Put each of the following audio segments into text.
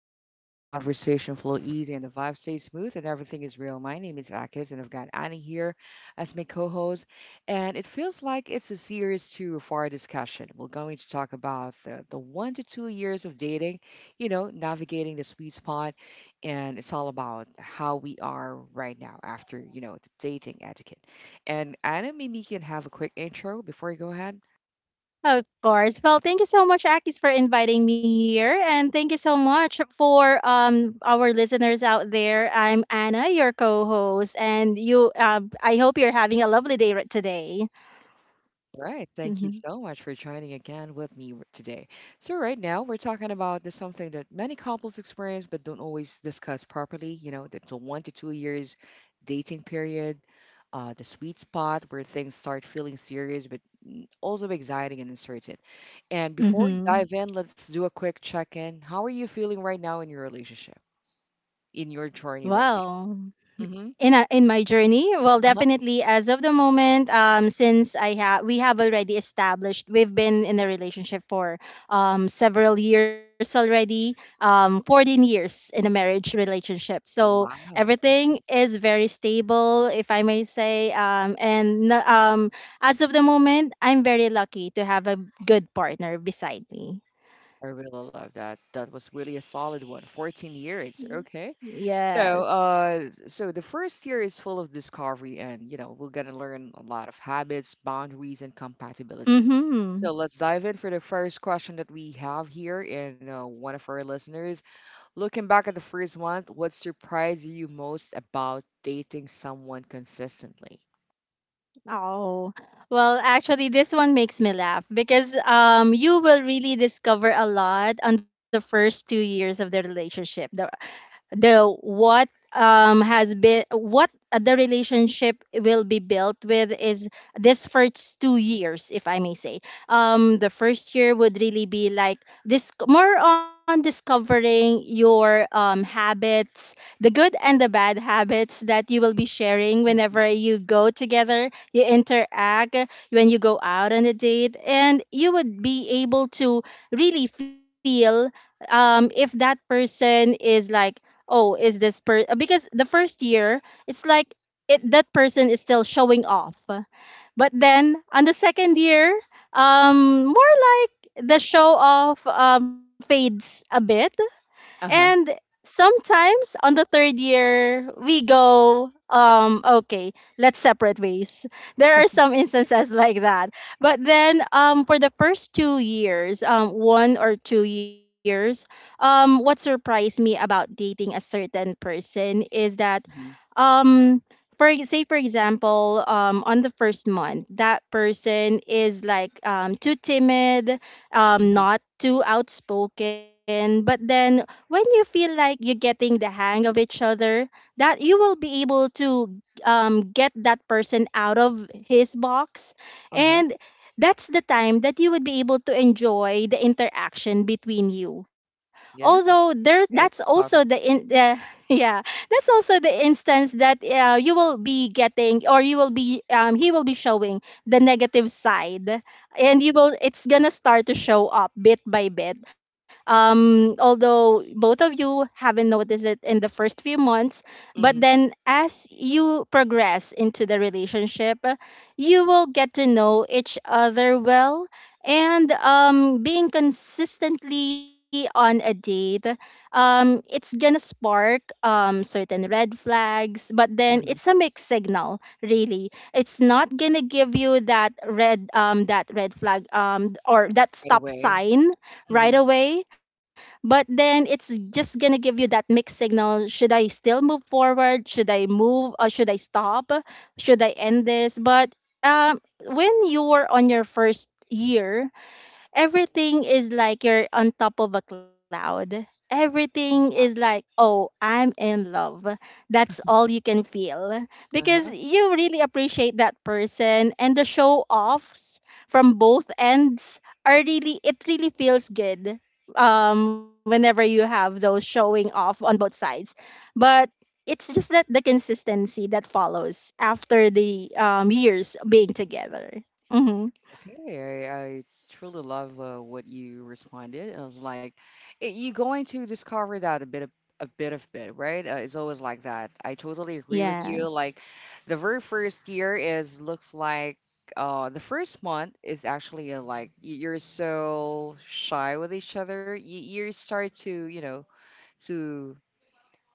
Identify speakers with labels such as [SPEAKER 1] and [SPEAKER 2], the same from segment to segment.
[SPEAKER 1] a chill zone where conversation flow easy and the vibe stays smooth and everything is real. My name is Akis and I've got Annie here as my co-host. And it feels like it's a series two for our discussion. We're going to talk about the 1 to 2 years of dating, navigating the sweet spot. And it's all about how we are right now after, the dating etiquette. And Anna, maybe you can have a quick intro before you go ahead.
[SPEAKER 2] Of course. Well, thank you so much, Akis, for inviting me here. And thank you so much for our listeners out there. I'm Anna, your co-host, and you I hope you're having a lovely day today.
[SPEAKER 1] All right. Thank you
[SPEAKER 2] Mm-hmm.
[SPEAKER 1] so much for joining again with me today. So right now we're talking about this something that many couples experience but don't always discuss properly. That's a 1 to 2 years dating period, the sweet spot where things start feeling serious but also exciting and uncertain. And before we
[SPEAKER 2] Mm-hmm.
[SPEAKER 1] dive in, let's do a quick check-in. How are you feeling right now in your relationship, in your journey right
[SPEAKER 2] Wow.
[SPEAKER 1] now? Mm-hmm.
[SPEAKER 2] In my journey. Well,
[SPEAKER 1] Uh-huh.
[SPEAKER 2] definitely as of the moment, since I have we have already established we've been in a relationship for several years already, 14 years in a marriage relationship. So
[SPEAKER 1] Wow.
[SPEAKER 2] everything is very stable, if I may say, and as of the moment, I'm very lucky to have a good partner beside me.
[SPEAKER 1] I really love that. That was really a solid one. 14 years. Okay. So,
[SPEAKER 2] Yes.
[SPEAKER 1] uh, so the first year is full of discovery and, we're going to learn a lot of habits, boundaries, and compatibility.
[SPEAKER 2] Mhm.
[SPEAKER 1] So let's dive in for the first question that we have here in one of our listeners. Looking back at the first one, what surprised you most about dating someone consistently?
[SPEAKER 2] Oh, well, actually, this one makes me laugh because you will really discover a lot on the first 2 years of the relationship, the what has been what the relationship will be built with is this first 2 years, if I may say. The first year would really be like this, more on discovering your habits, the good and the bad habits that you will be sharing whenever
[SPEAKER 1] Mhm.
[SPEAKER 2] you go together, you interact, when you go out on a date, and you would be able to really feel if that person is like, oh, is this per because the first year, it's like, it that person is still showing off. But then on the second year, more like the show off fades a bit. And
[SPEAKER 1] Uh-huh.
[SPEAKER 2] sometimes on the third year, we go, okay, let's separate ways. There are some instances like that. But then for the first 2 years, 1 or 2 years, what surprised me about dating a certain person is that,
[SPEAKER 1] Hmm.
[SPEAKER 2] um, say for example, on the first month, that person is like too timid,
[SPEAKER 1] Hmm.
[SPEAKER 2] not too outspoken. But then when you feel like you're getting the hang of each other, that you will be able to get that person out of his box.
[SPEAKER 1] Uh-huh.
[SPEAKER 2] And that's the time that you would be able to enjoy the interaction between you. Although
[SPEAKER 1] Yeah.
[SPEAKER 2] there, that's
[SPEAKER 1] Gotta
[SPEAKER 2] also the
[SPEAKER 1] discover.
[SPEAKER 2] in the yeah, that's also the instance that you will be getting, or you will be he will be showing the negative side. And you will it's gonna start to show up bit by bit, although both of you haven't noticed it in the first few months. But then
[SPEAKER 1] Hmm.
[SPEAKER 2] as you progress into the relationship, you will get to know each other well. And being consistently on a date, it's gonna spark certain red flags. But then
[SPEAKER 1] Uh-huh.
[SPEAKER 2] it's a mixed signal, really. It's not gonna give you that red, that red flag or that
[SPEAKER 1] Right
[SPEAKER 2] stop
[SPEAKER 1] away.
[SPEAKER 2] sign right
[SPEAKER 1] Mm-hmm.
[SPEAKER 2] away. But then it's just gonna give you that mixed signal. Should I still move forward? Should I move? Or should I stop? Should I end this? But when you were on your first year, everything is like you're on top of a cloud. Everything is
[SPEAKER 1] Exactly.
[SPEAKER 2] like, oh, I'm in love. That's all you can feel, because
[SPEAKER 1] Uh-huh.
[SPEAKER 2] you really appreciate that person, and the show offs from both ends are really, it really feels good whenever you have those showing off on both sides. But it's just that the consistency that follows after the, years being together. Hmm.
[SPEAKER 1] Okay. I truly love what you responded. I was like, you're going to discover that a bit, right? It's always like that. I totally agree with you. Like,
[SPEAKER 2] Yes.
[SPEAKER 1] the very first year is looks like the first month is actually like you're so shy with each other. You start to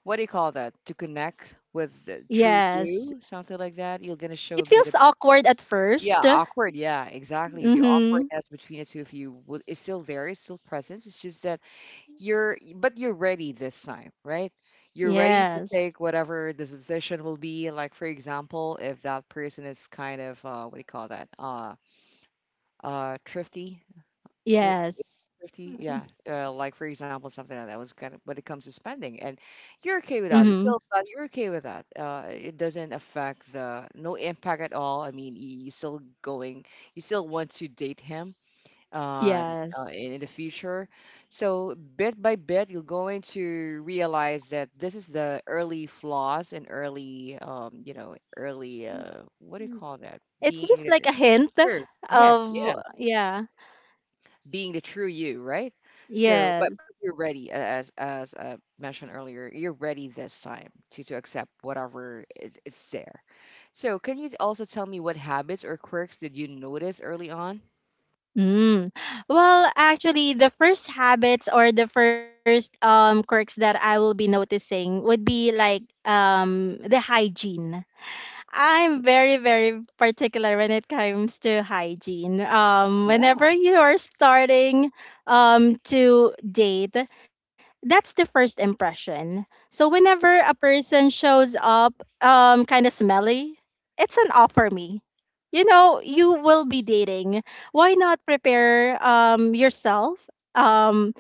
[SPEAKER 1] what do you call that? To connect with the true
[SPEAKER 2] Yes.
[SPEAKER 1] you, something like that. You're gonna
[SPEAKER 2] It
[SPEAKER 1] show a
[SPEAKER 2] feels
[SPEAKER 1] bit.
[SPEAKER 2] awkward at
[SPEAKER 1] Yeah,
[SPEAKER 2] first.
[SPEAKER 1] awkward. Yeah, exactly. The
[SPEAKER 2] Mm-hmm.
[SPEAKER 1] awkwardness between the two of you is still there. It's still present. It's just that but you're ready this time, right? You're ready to
[SPEAKER 2] Yes.
[SPEAKER 1] take whatever the decision will be. Like for example, if that person is kind of what do you call that? Thrifty, w-
[SPEAKER 2] Yes.
[SPEAKER 1] 50, yeah, like for example something like that was kind of when it comes to spending, and you're okay with that.
[SPEAKER 2] Mm-hmm.
[SPEAKER 1] It feels that you're okay with that. It doesn't affect the, no impact at all. I mean, you still want to date him uh, in
[SPEAKER 2] Yes.
[SPEAKER 1] the future. So bit by bit you're going to realize that this is the early flaws and early, early, what do you call that,
[SPEAKER 2] It's just
[SPEAKER 1] being,
[SPEAKER 2] like a hint
[SPEAKER 1] sure, yeah, yeah,
[SPEAKER 2] of, yeah.
[SPEAKER 1] being the true you, right? So,
[SPEAKER 2] Yes.
[SPEAKER 1] but you're ready, as mentioned earlier, you're ready this time to accept whatever is there. So, can you also tell me what habits or quirks did you notice early on?
[SPEAKER 2] Mm. Well, actually, the first habits or the first quirks that I will be noticing would be like, the hygiene. I'm very, very particular when it comes to hygiene.
[SPEAKER 1] Yeah.
[SPEAKER 2] Whenever you are starting to date, that's the first impression. So whenever a person shows up kind of smelly, it's an off for me. You know, you will be dating. Why not prepare yourself? Um,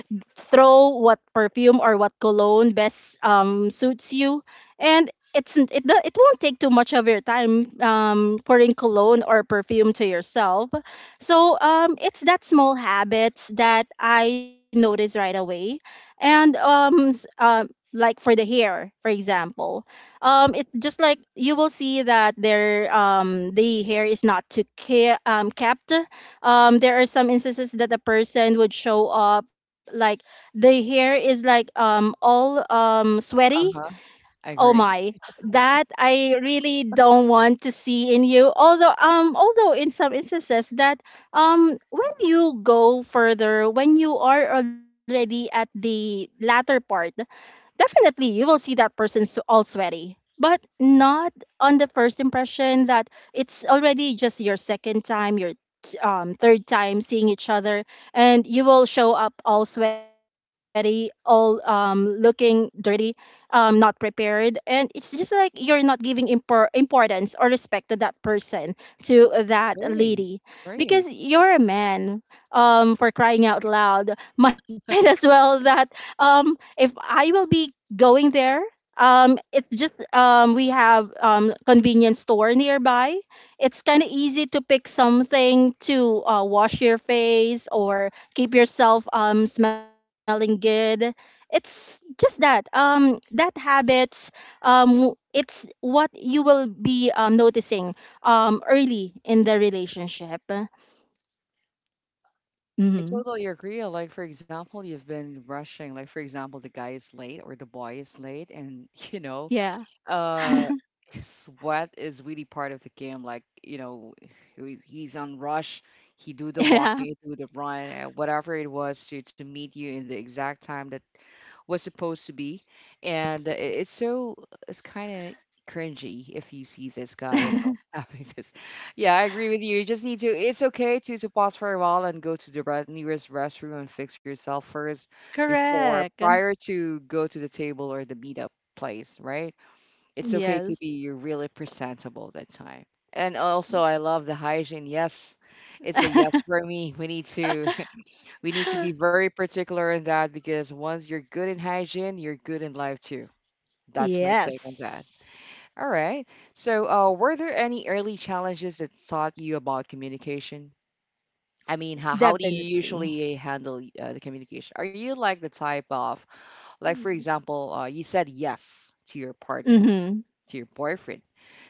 [SPEAKER 2] Throw what perfume or what cologne best suits you, and it's n- it do- it won't take too much of your time pouring cologne or perfume to yourself. So it's that small habits that I notice right away, and, like, for the hair, for example, it just like you will see that the hair is not too kept. There are some instances that a person would show up like the hair is like all sweaty.
[SPEAKER 1] Uh huh. I
[SPEAKER 2] Oh
[SPEAKER 1] agree.
[SPEAKER 2] my, that I really don't want to see in you. Although, in some instances that, when you go further, when you are already at the latter part, definitely, you will see that all sweaty, but not on the first impression. That it's already just your second time, your third time seeing each other, and you will show up all sweaty, all looking dirty, not prepared, and it's just like you're not giving importance or respect to that person, to that
[SPEAKER 1] Agree.
[SPEAKER 2] lady,
[SPEAKER 1] Agree.
[SPEAKER 2] because you're a man. For crying out loud, might as well that, if I will be going there, it's just, we have convenience store nearby. It's kind of easy to pick something to wash your face or keep yourself smelling good. It's just that, that habits. It's what you will be noticing early in the relationship.
[SPEAKER 1] I
[SPEAKER 2] Hmm.
[SPEAKER 1] totally agree. Like for example, you've been rushing. Like for example, the guy is late or the boy is late, and
[SPEAKER 2] Yeah.
[SPEAKER 1] uh sweat is really part of the game. Like he's on rush. He do the
[SPEAKER 2] Yeah.
[SPEAKER 1] walking, do the run, and whatever it was to meet you in the exact time that was supposed to be. And it's kind of cringy if you see this guy, having this. Yeah, I agree with you. You just need to. It's okay to pause for a while and go to the nearest restroom and fix yourself first
[SPEAKER 2] Correct.
[SPEAKER 1] before prior to go to the table or the meetup place, right? It's okay to be you're
[SPEAKER 2] Yes.
[SPEAKER 1] really presentable that time. And also I love the hygiene. Yes, it's a yes for me. We need to we need to be very particular in that because once you're good in hygiene, you're good in life too. That's my take on that.
[SPEAKER 2] Yes.
[SPEAKER 1] All right. So, were there any early challenges that taught you about communication? I mean, how do you
[SPEAKER 2] Definitely.
[SPEAKER 1] usually handle the communication? Are you like the type of, like,
[SPEAKER 2] Mm.
[SPEAKER 1] for example, you said yes to your partner,
[SPEAKER 2] Mm-hmm.
[SPEAKER 1] to your boyfriend.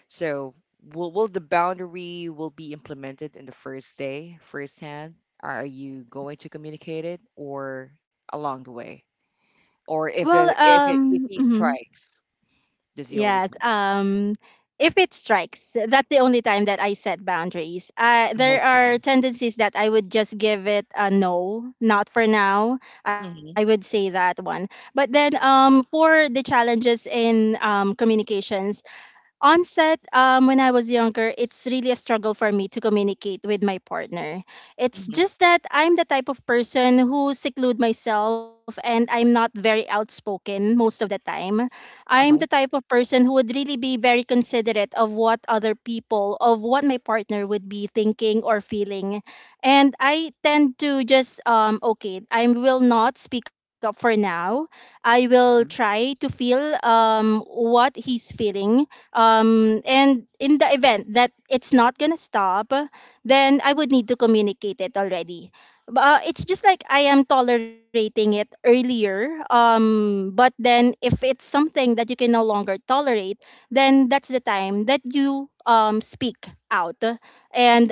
[SPEAKER 1] So will the boundary will be implemented in the first day firsthand? Are you going to communicate it or along the way? Or
[SPEAKER 2] Well,
[SPEAKER 1] if he
[SPEAKER 2] mhm.
[SPEAKER 1] strikes the
[SPEAKER 2] Yes.
[SPEAKER 1] zealism?
[SPEAKER 2] If it strikes, that's the only time that I set boundaries. There
[SPEAKER 1] Okay.
[SPEAKER 2] are tendencies that I would just give it a no, not for now. I would
[SPEAKER 1] Mm-hmm.
[SPEAKER 2] say that one. But then, for the challenges in, communications, on set, when I was younger, it's really a struggle for me to communicate with my partner. It's
[SPEAKER 1] Mm-hmm.
[SPEAKER 2] just that I'm the type of person who seclude myself, and I'm not very outspoken most of the time. I'm the
[SPEAKER 1] Uh-huh.
[SPEAKER 2] type of person who would really be very considerate of what other people, of what my partner would be thinking or feeling. And I tend to just, okay, I will not speak up for now. I will
[SPEAKER 1] Mhm.
[SPEAKER 2] try to feel what he's feeling, and in the event that it's not gonna stop, then I would need to communicate it already. It's just like I am tolerating it earlier, but then if it's something that you can no longer tolerate, then that's the time that you speak out, and,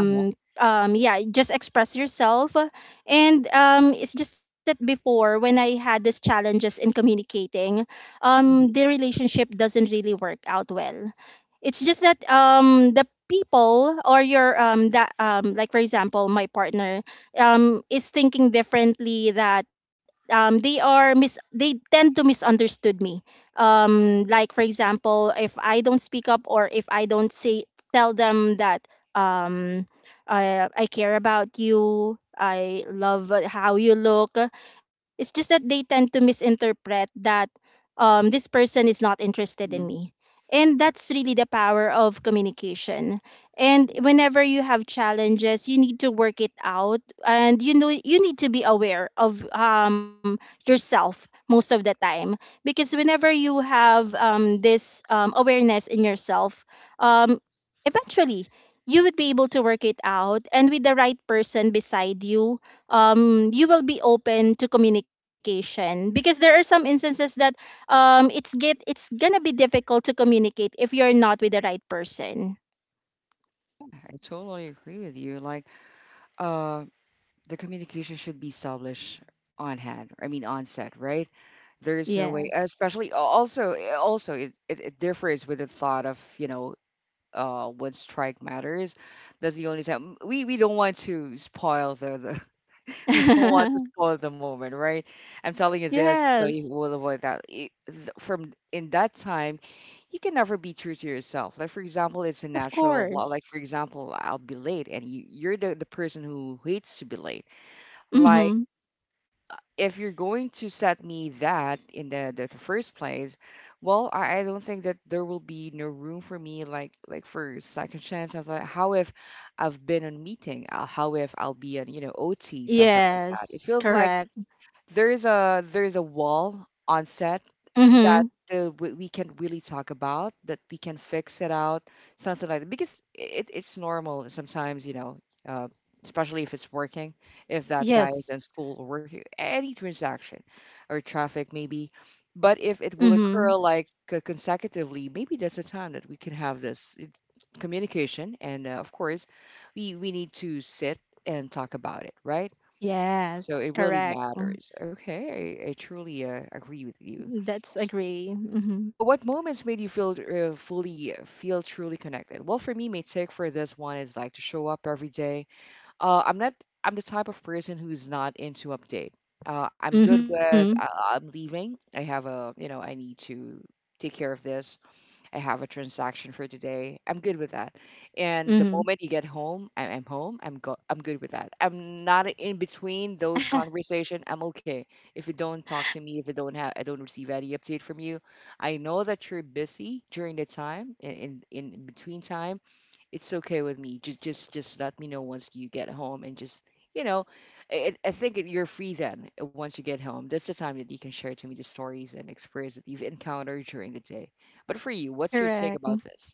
[SPEAKER 1] Uh-huh.
[SPEAKER 2] um, yeah, just express yourself. And, it's just that before when I had these challenges in communicating,
[SPEAKER 1] Mm-hmm.
[SPEAKER 2] the relationship doesn't really work out well. It's just that, the people, or your that like for example my partner, is thinking differently, that they tend to misunderstood me, like for example, if I don't speak up or if I don't say, tell them that, um I care about you, I love, how you look. It's just that they tend to misinterpret that, this person is not interested in
[SPEAKER 1] Hmm.
[SPEAKER 2] me. And that's really the power of communication. And whenever you have challenges, you need to work it out, and you know, you need to be aware of, yourself, most of the time. Because whenever you have this awareness in yourself, um, eventually you would be able to work it out. And with the right person beside you, you will be open to communication. Because there are some instances that it's gonna be difficult to communicate if you're not with the right person.
[SPEAKER 1] Yeah, I totally agree with you. Like, uh, the communication should be established on hand. I mean, on set, right? There is no way,
[SPEAKER 2] Yes.
[SPEAKER 1] especially also it differs with the thought of, when strike matters. That's the only time we don't want to spoil the we don't want to spoil the moment, right? I'm telling you this
[SPEAKER 2] Yes.
[SPEAKER 1] so you will avoid that. From in that time, you can never be true to yourself. Like for example, it's a
[SPEAKER 2] Of
[SPEAKER 1] natural law. Like
[SPEAKER 2] course.
[SPEAKER 1] for example, I'll be late, and you're the person who hates to be late. Like
[SPEAKER 2] Mm-hmm.
[SPEAKER 1] if you're going to set me that in the first place, well, I don't think that there will be no room for me, like for second chance, something like, how if I've been on meeting, how if I'll be on, OT, something like that. It
[SPEAKER 2] Yes.
[SPEAKER 1] feels like
[SPEAKER 2] Correct.
[SPEAKER 1] there's a wall on set
[SPEAKER 2] Mm-hmm.
[SPEAKER 1] that we can really talk about, that we can fix it out, something like that. Because it's normal sometimes, uh, especially if it's working, if that guy is in
[SPEAKER 2] Yes.
[SPEAKER 1] school or working, any transaction or traffic maybe. But if it will
[SPEAKER 2] Mm-hmm.
[SPEAKER 1] occur like consecutively, maybe that's a time that we can have this communication. And of course, we need to sit and talk about it, right? So
[SPEAKER 2] Yes.
[SPEAKER 1] it really
[SPEAKER 2] Correct.
[SPEAKER 1] matters. Okay, I truly agree with
[SPEAKER 2] Mm,
[SPEAKER 1] you.
[SPEAKER 2] that's agree.
[SPEAKER 1] So,
[SPEAKER 2] Mm-hmm.
[SPEAKER 1] well, what moments made you feel fully feel truly connected? Well, for me, my take for this one is like to show up every day. I'm not. I'm the type of person who's not into update. I'm good
[SPEAKER 2] Mm-hmm.
[SPEAKER 1] with. I'm leaving. I have a. I need to take care of this. I have a transaction for today. I'm good with that. And the
[SPEAKER 2] Mm-hmm.
[SPEAKER 1] moment you get home, I'm home. I'm good with that. I'm not in between those conversation. I'm okay. If you don't talk to me, if you don't have, I don't receive any update from you. I know that you're busy during the time in between time. It's okay with me. Just let me know once you get home and just, you know I think you're free then, once you get home. That's the time that you can share to me the stories and experience that you've encountered during the day. But for you, what's your
[SPEAKER 2] Correct.
[SPEAKER 1] take about this?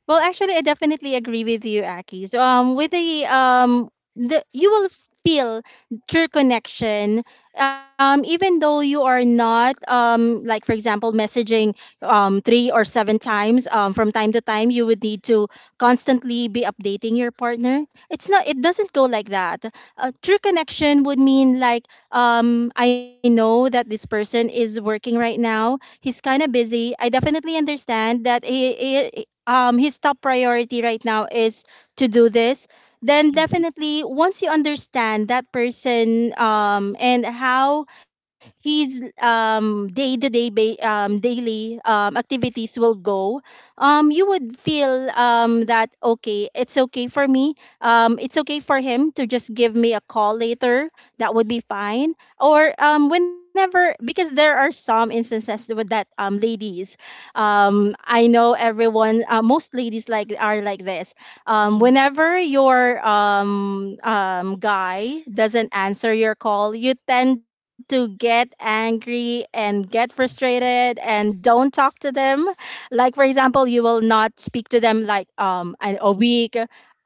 [SPEAKER 2] Well, actually, I definitely agree with you, Aki. So, with the you will feel true connection, even though you are not like for example, messaging three or seven times from time to time. You would need to constantly be updating your partner. It's not. It doesn't go like that. A true connection would mean like, I know that this person is working right now. He's kind of busy. I definitely understand that he his top priority right now is to do this. Then
[SPEAKER 1] Hmm.
[SPEAKER 2] definitely, once you understand that person and how his day to day ba- daily activities will go, you would feel that, okay, it's okay for me, it's okay for him to just give me a call later, that would be fine. Or whenever, because there are some instances with that, ladies, I know everyone, most ladies like are like this.
[SPEAKER 1] Hmm.
[SPEAKER 2] Whenever your guy doesn't answer your call, you tend to get angry and get frustrated and don't talk to them. Like for example, you will not speak to them like a week,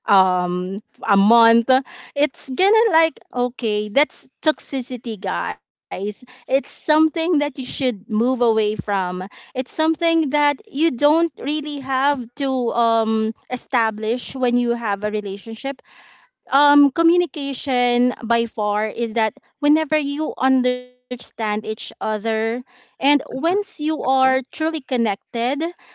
[SPEAKER 2] um a month. It's gonna like, okay, that's toxicity, guys. It's something that you should move away from. It's something that you don't really have to establish when you have a relationship. Communication by far is that whenever you understand each other. And once
[SPEAKER 1] uh
[SPEAKER 2] you are
[SPEAKER 1] Agree.
[SPEAKER 2] truly connected,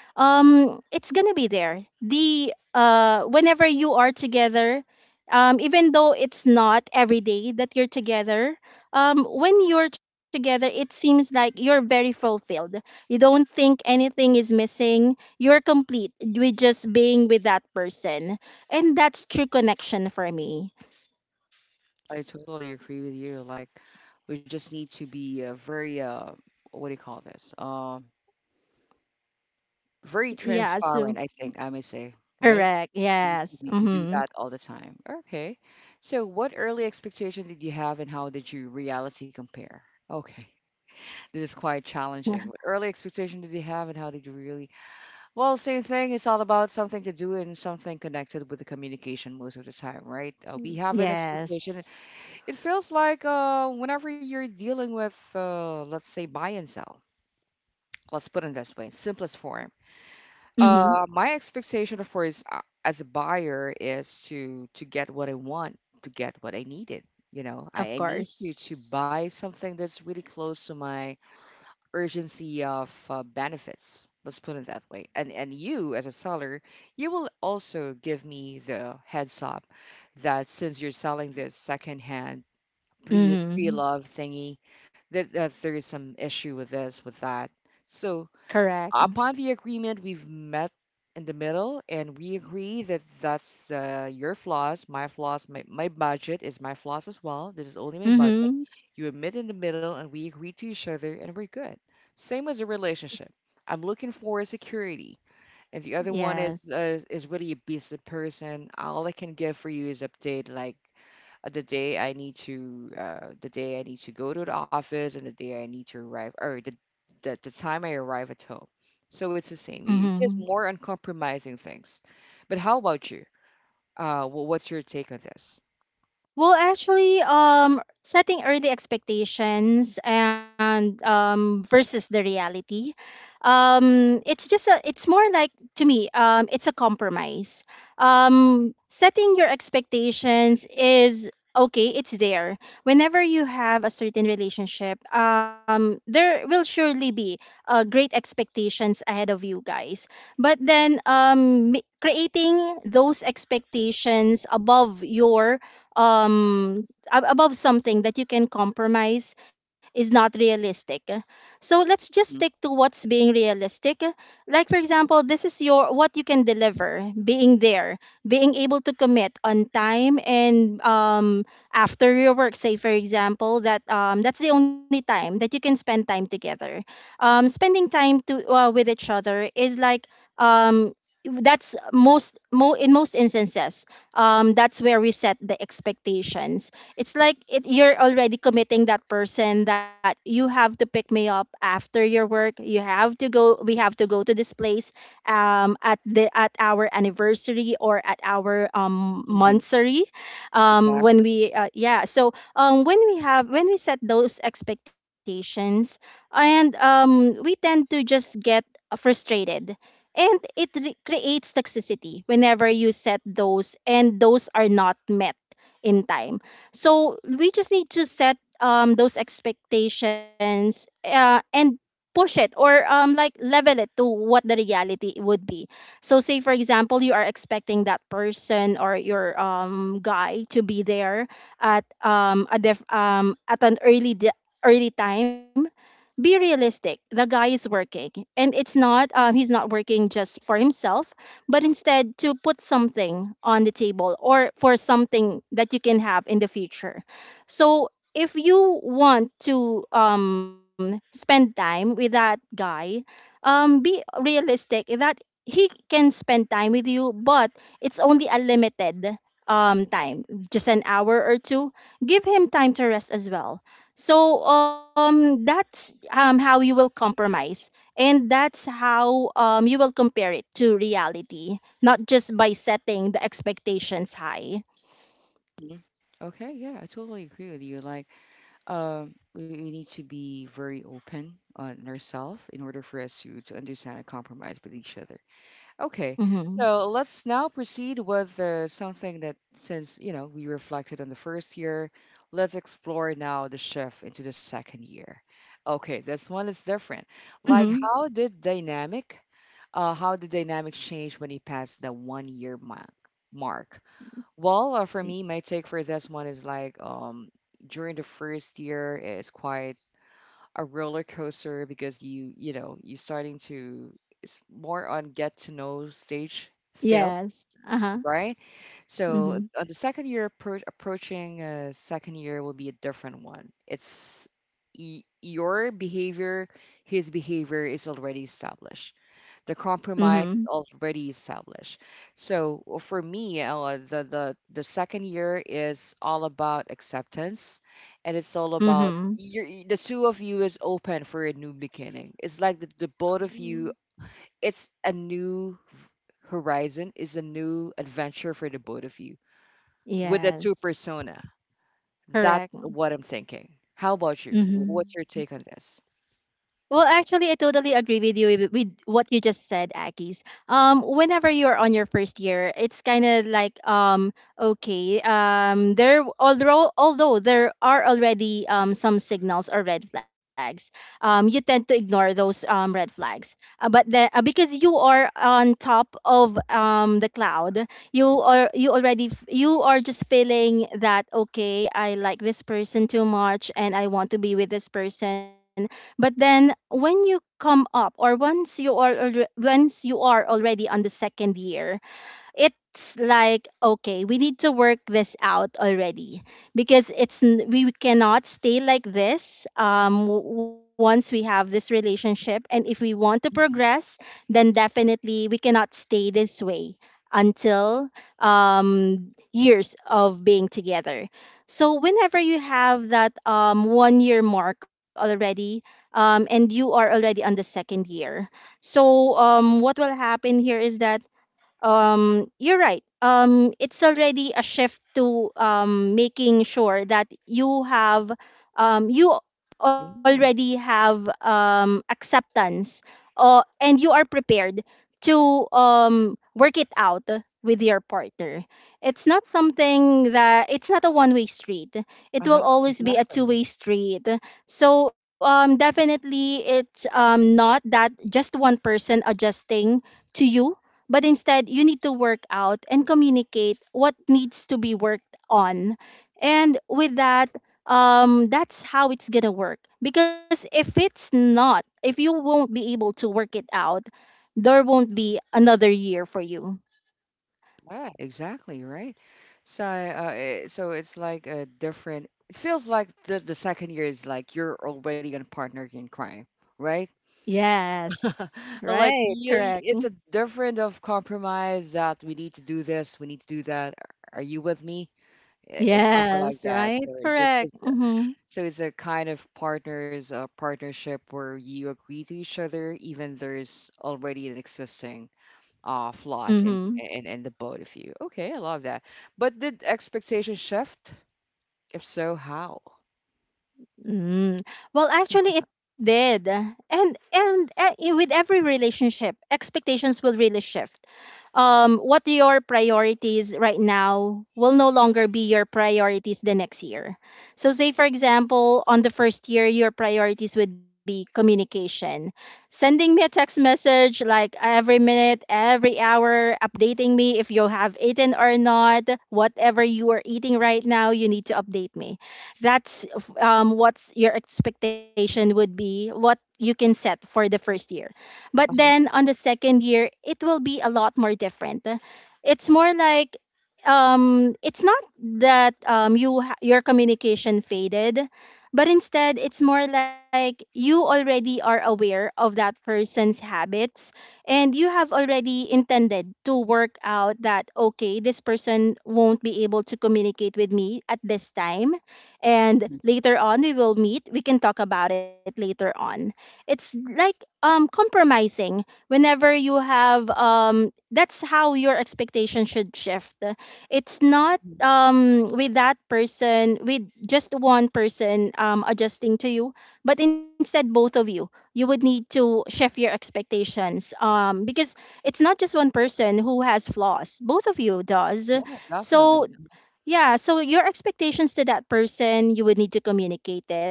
[SPEAKER 2] it's gonna be there. The Whenever you are together, even though it's not every day that you're together, when you're together it seems like you're very fulfilled. You don't think anything is missing. You're complete with just being with that person. And that's true connection for me.
[SPEAKER 1] I totally agree with you. Like, we just need to be, very, what do you call this? Very
[SPEAKER 2] Yeah, so
[SPEAKER 1] transparent, I think I may say, right?
[SPEAKER 2] correct.
[SPEAKER 1] We need to
[SPEAKER 2] Yes.
[SPEAKER 1] be to do
[SPEAKER 2] Mm-hmm.
[SPEAKER 1] that all the time. Okay. So, what early expectation did you have, and how did your reality compare? Okay, this is quite challenging. What early expectation did you have, and how did you really. Well, same thing. It's all about something to do and something connected with the communication most of the time, right? We have an expectation.
[SPEAKER 2] Yes.
[SPEAKER 1] It feels like whenever you're dealing with, let's say, buy and sell, let's put it this way, simplest form.
[SPEAKER 2] Mm-hmm.
[SPEAKER 1] My expectation, of course, as a buyer is to get what I want, to get what I needed. I
[SPEAKER 2] Of
[SPEAKER 1] need you to
[SPEAKER 2] course.
[SPEAKER 1] buy something that's really close to my urgency of, benefits. Let's put it that way. And you as a seller, you will also give me the heads up that since you're selling this secondhand pre
[SPEAKER 2] Mm-hmm.
[SPEAKER 1] love thingy, that, there is some issue with this, with that. So,
[SPEAKER 2] Correct.
[SPEAKER 1] upon the agreement, we've met in the middle and we agree that that's, your flaws, my flaws, my budget is my flaws as well. This is only my budget.
[SPEAKER 2] Mm-hmm.
[SPEAKER 1] You admit in the middle and we agree to each other and we're good. Same as a relationship. I'm looking for security. And the other one is uh,
[SPEAKER 2] Yes.
[SPEAKER 1] is really a busy person. All I can give for you is update like the day I need to go to the office and the day I need to arrive or the time I arrive at home. So it's the same. It's
[SPEAKER 2] Mm-hmm.
[SPEAKER 1] just more uncompromising things. But how about you? What's your take on this?
[SPEAKER 2] Well, actually, setting early expectations and, versus the reality, it's just a, it's more like, to me, it's a compromise. Setting your expectations is okay. It's there. Whenever you have a certain relationship, there will surely be great expectations ahead of you guys. But then, creating those expectations above your, um above something that you can compromise is not realistic. So let's just stick to what's being realistic. Like for example, this is your what you can deliver, being there, being able to commit on time. And after your work, say for example that, that's the only time that you can spend time together. Spending time to, with each other is like, um that's most, in most instances, that's where we set the expectations. It's like it, you're already committing that person that you have to pick me up after your work. You have to go. We have to go to this place, at the at our anniversary or at our,
[SPEAKER 1] Mm-hmm.
[SPEAKER 2] monthsary, when
[SPEAKER 1] Exactly.
[SPEAKER 2] we, yeah. So when we have when we set those expectations. And we tend to just get frustrated, and it, creates toxicity whenever you set those and those are not met in time. So we just need to set, those expectations, and push it, or like level it to what the reality would be. So say for example, you are expecting that person or your, guy to be there at, at an early, early time. Be realistic. The guy is working, and it's not he's not working just for himself, but instead to put something on the table or for something that you can have in the future. So if you want to spend time with that guy, be realistic that he can spend time with you, but it's only a limited, time, just an hour or two. Give him time to rest as well. So that's how you will compromise, and that's how you will compare it to reality, not just by setting the expectations high.
[SPEAKER 1] hmm Okay, yeah, I totally agree with you. Like, we need to be very open on ourselves in order for us to understand and compromise with each other. Okay,
[SPEAKER 2] Mhm.
[SPEAKER 1] so let's now proceed with something that, since you know we reflected on the first year, let's explore now the shift into the second year. Okay, this one is different.
[SPEAKER 2] Mhm.
[SPEAKER 1] Like, how did dynamic change when you passed the one year mark? Well, for
[SPEAKER 2] Y-
[SPEAKER 1] me, my take for this one is like during the first year, it's quite a roller coaster because you know you're starting to it's more on get to know stage still,
[SPEAKER 2] Yes. Uh-huh.
[SPEAKER 1] right? So
[SPEAKER 2] Mhm.
[SPEAKER 1] on the second year approaching second year will be a different one. It's your behavior, his behavior is already established. The compromise
[SPEAKER 2] Mhm.
[SPEAKER 1] is already established. So for me, the second year is all about acceptance, and it's all about.
[SPEAKER 2] Mhm.
[SPEAKER 1] The two of you is open for a new beginning. It's like the both of
[SPEAKER 2] Mm.
[SPEAKER 1] you. It's a new horizon, is a new adventure for the both of you with a two
[SPEAKER 2] Yes.
[SPEAKER 1] persona. That's
[SPEAKER 2] Correct.
[SPEAKER 1] what I'm thinking. How about you?
[SPEAKER 2] Mhm.
[SPEAKER 1] What's your take on this?
[SPEAKER 2] Well, actually, I totally agree with you with, what you just said, Akis. Whenever you're on your first year, it's kind of like, okay, there although there are already, some signals or red flags, you tend to ignore those, red flags. But the because you are on top of the cloud, you are you already f- you are just feeling that, okay, I like this person too much, and I want to be with this person. But then when you come up, or once you are already on the second year, it's like, okay, we need to work this out already. Because we cannot stay like this, once we have this relationship, and if we want to
[SPEAKER 1] Mhm.
[SPEAKER 2] progress, then definitely we cannot stay this way until, years of being together. So whenever you have that, one year mark already, and you are already on the second year, so what will happen here is that, you're right, it's already a shift to, making sure that you have, you already
[SPEAKER 1] Yeah.
[SPEAKER 2] have, acceptance, and you are prepared to work it out with your partner. It's not something that, it's not a one way street, it will
[SPEAKER 1] Uh-huh.
[SPEAKER 2] always be a two
[SPEAKER 1] Exactly.
[SPEAKER 2] way street. So definitely it's not that just one person adjusting to you, but instead, you need to work out and communicate what needs to be worked on. And with that, that's how it's going to work. Because if it's not, if you won't be able to work it out, there won't be another year for you.
[SPEAKER 1] Yeah, exactly, right? So so it's like a different, it feels like the second year is like you're already a partner in crime, right?
[SPEAKER 2] Yes. Right.
[SPEAKER 1] Like
[SPEAKER 2] Correct.
[SPEAKER 1] it's a different of compromise that we need to do this, we need to do that. Are you with me? It's something like
[SPEAKER 2] Yes.
[SPEAKER 1] that.
[SPEAKER 2] Right.
[SPEAKER 1] So it just,
[SPEAKER 2] Correct.
[SPEAKER 1] just
[SPEAKER 2] Mm-hmm.
[SPEAKER 1] so it's a kind of partners partnership where you agree to each other, even there's already an existing flaws in,
[SPEAKER 2] Mm-hmm.
[SPEAKER 1] in the both of you. Okay, I love that. But did expectations shift? If so, how?
[SPEAKER 2] Mm. Well, actually, it did, and with every relationship, expectations will really shift. What your priorities right now will no longer be your priorities the next year. So, say for example, on the first year, your priorities would be communication, sending me a text message like every minute, every hour, updating me if you have eaten or not, whatever you are eating right now, you need to update me. That's, what's your expectation would be, what you can set for the first year. But
[SPEAKER 1] Uh-huh.
[SPEAKER 2] then on the second year it will be a lot more different. It's more like, it's not that, your communication faded, but instead it's more like you already are aware of that person's habits, and you have already intended to work out that, okay, this person won't be able to communicate with me at this time, and
[SPEAKER 1] Mhm,
[SPEAKER 2] later on we will meet, we can talk about it later on. It's like, compromising, whenever you have, that's how your expectation should shift. It's not,
[SPEAKER 1] mhm.
[SPEAKER 2] with that person, with just one person, adjusting to you. But instead, both of you, would need to shift your expectations, because it's not just one person who has flaws, both of you does.
[SPEAKER 1] Yeah, definitely.
[SPEAKER 2] So yeah, so your expectations to that person, you would need to communicate it.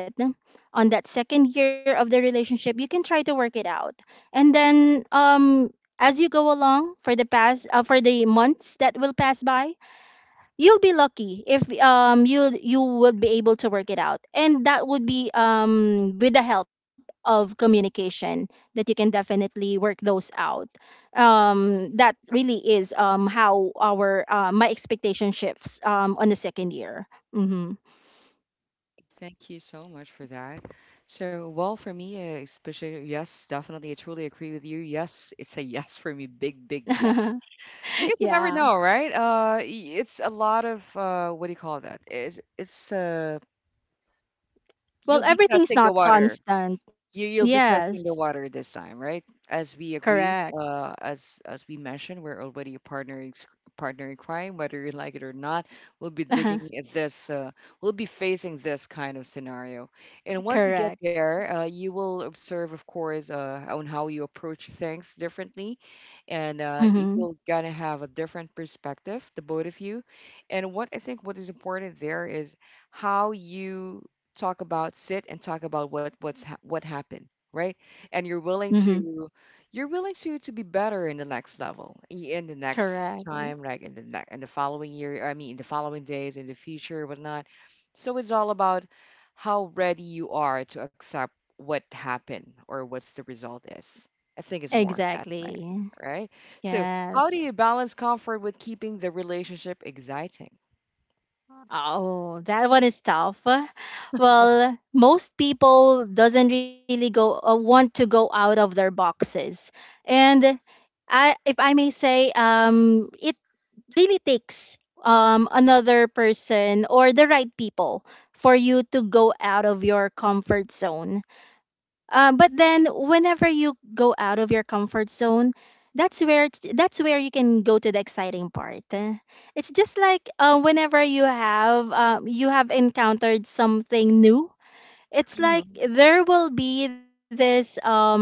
[SPEAKER 2] On that second year of the relationship, you can try to work it out. And then, as you go along for the past, for the months that will pass by, you'll be lucky if you would be able to work it out, and that would be, with the help of communication, that you can definitely work those out. That really is, how our my expectation shifts, on the second year. Mm-hmm.
[SPEAKER 1] Thank you so much for that. So, well, for me, especially, yes, definitely, I truly agree with you. Yes, it's a yes for me. Big, big yes. Because you never
[SPEAKER 2] Yeah.
[SPEAKER 1] know, right? It's a lot of what do you call that? It's you'll
[SPEAKER 2] Well,
[SPEAKER 1] be
[SPEAKER 2] everything's
[SPEAKER 1] testing the
[SPEAKER 2] not
[SPEAKER 1] water.
[SPEAKER 2] constant.
[SPEAKER 1] You'll be
[SPEAKER 2] Yes.
[SPEAKER 1] testing the water this time, right? As we
[SPEAKER 2] Correct.
[SPEAKER 1] agreed, as we mentioned, we're already a partner in crime, whether you like it or not. We'll be digging at this. We'll be facing this kind of scenario, and once we get
[SPEAKER 2] Correct.
[SPEAKER 1] there, you will observe, of course, on how you approach things differently, and
[SPEAKER 2] Mm-hmm.
[SPEAKER 1] you'll gonna have a different perspective, the both of you. And what I think what is important there is how you talk about sit and talk about what happened, right, and you're willing
[SPEAKER 2] Mm-hmm.
[SPEAKER 1] to you're willing to to be better in the next level, in the next
[SPEAKER 2] Correct.
[SPEAKER 1] time like in the following year. I mean, in the following days, in the future, whatnot. So it's all about how ready you are to accept what happened or what's the result is. I think it's more that way,
[SPEAKER 2] Exactly.
[SPEAKER 1] right? So how do
[SPEAKER 2] Yes.
[SPEAKER 1] you balance comfort with keeping the relationship exciting?
[SPEAKER 2] Oh, that one is tough. Well, most people doesn't really go want to go out of their boxes. And if I may say, it really takes, another person or the right people for you to go out of your comfort zone. But then whenever you go out of your comfort zone, that's where you can go to the exciting part. Eh, it's just like, whenever you have, you have encountered something new. It's like
[SPEAKER 1] hmm
[SPEAKER 2] there will be this, um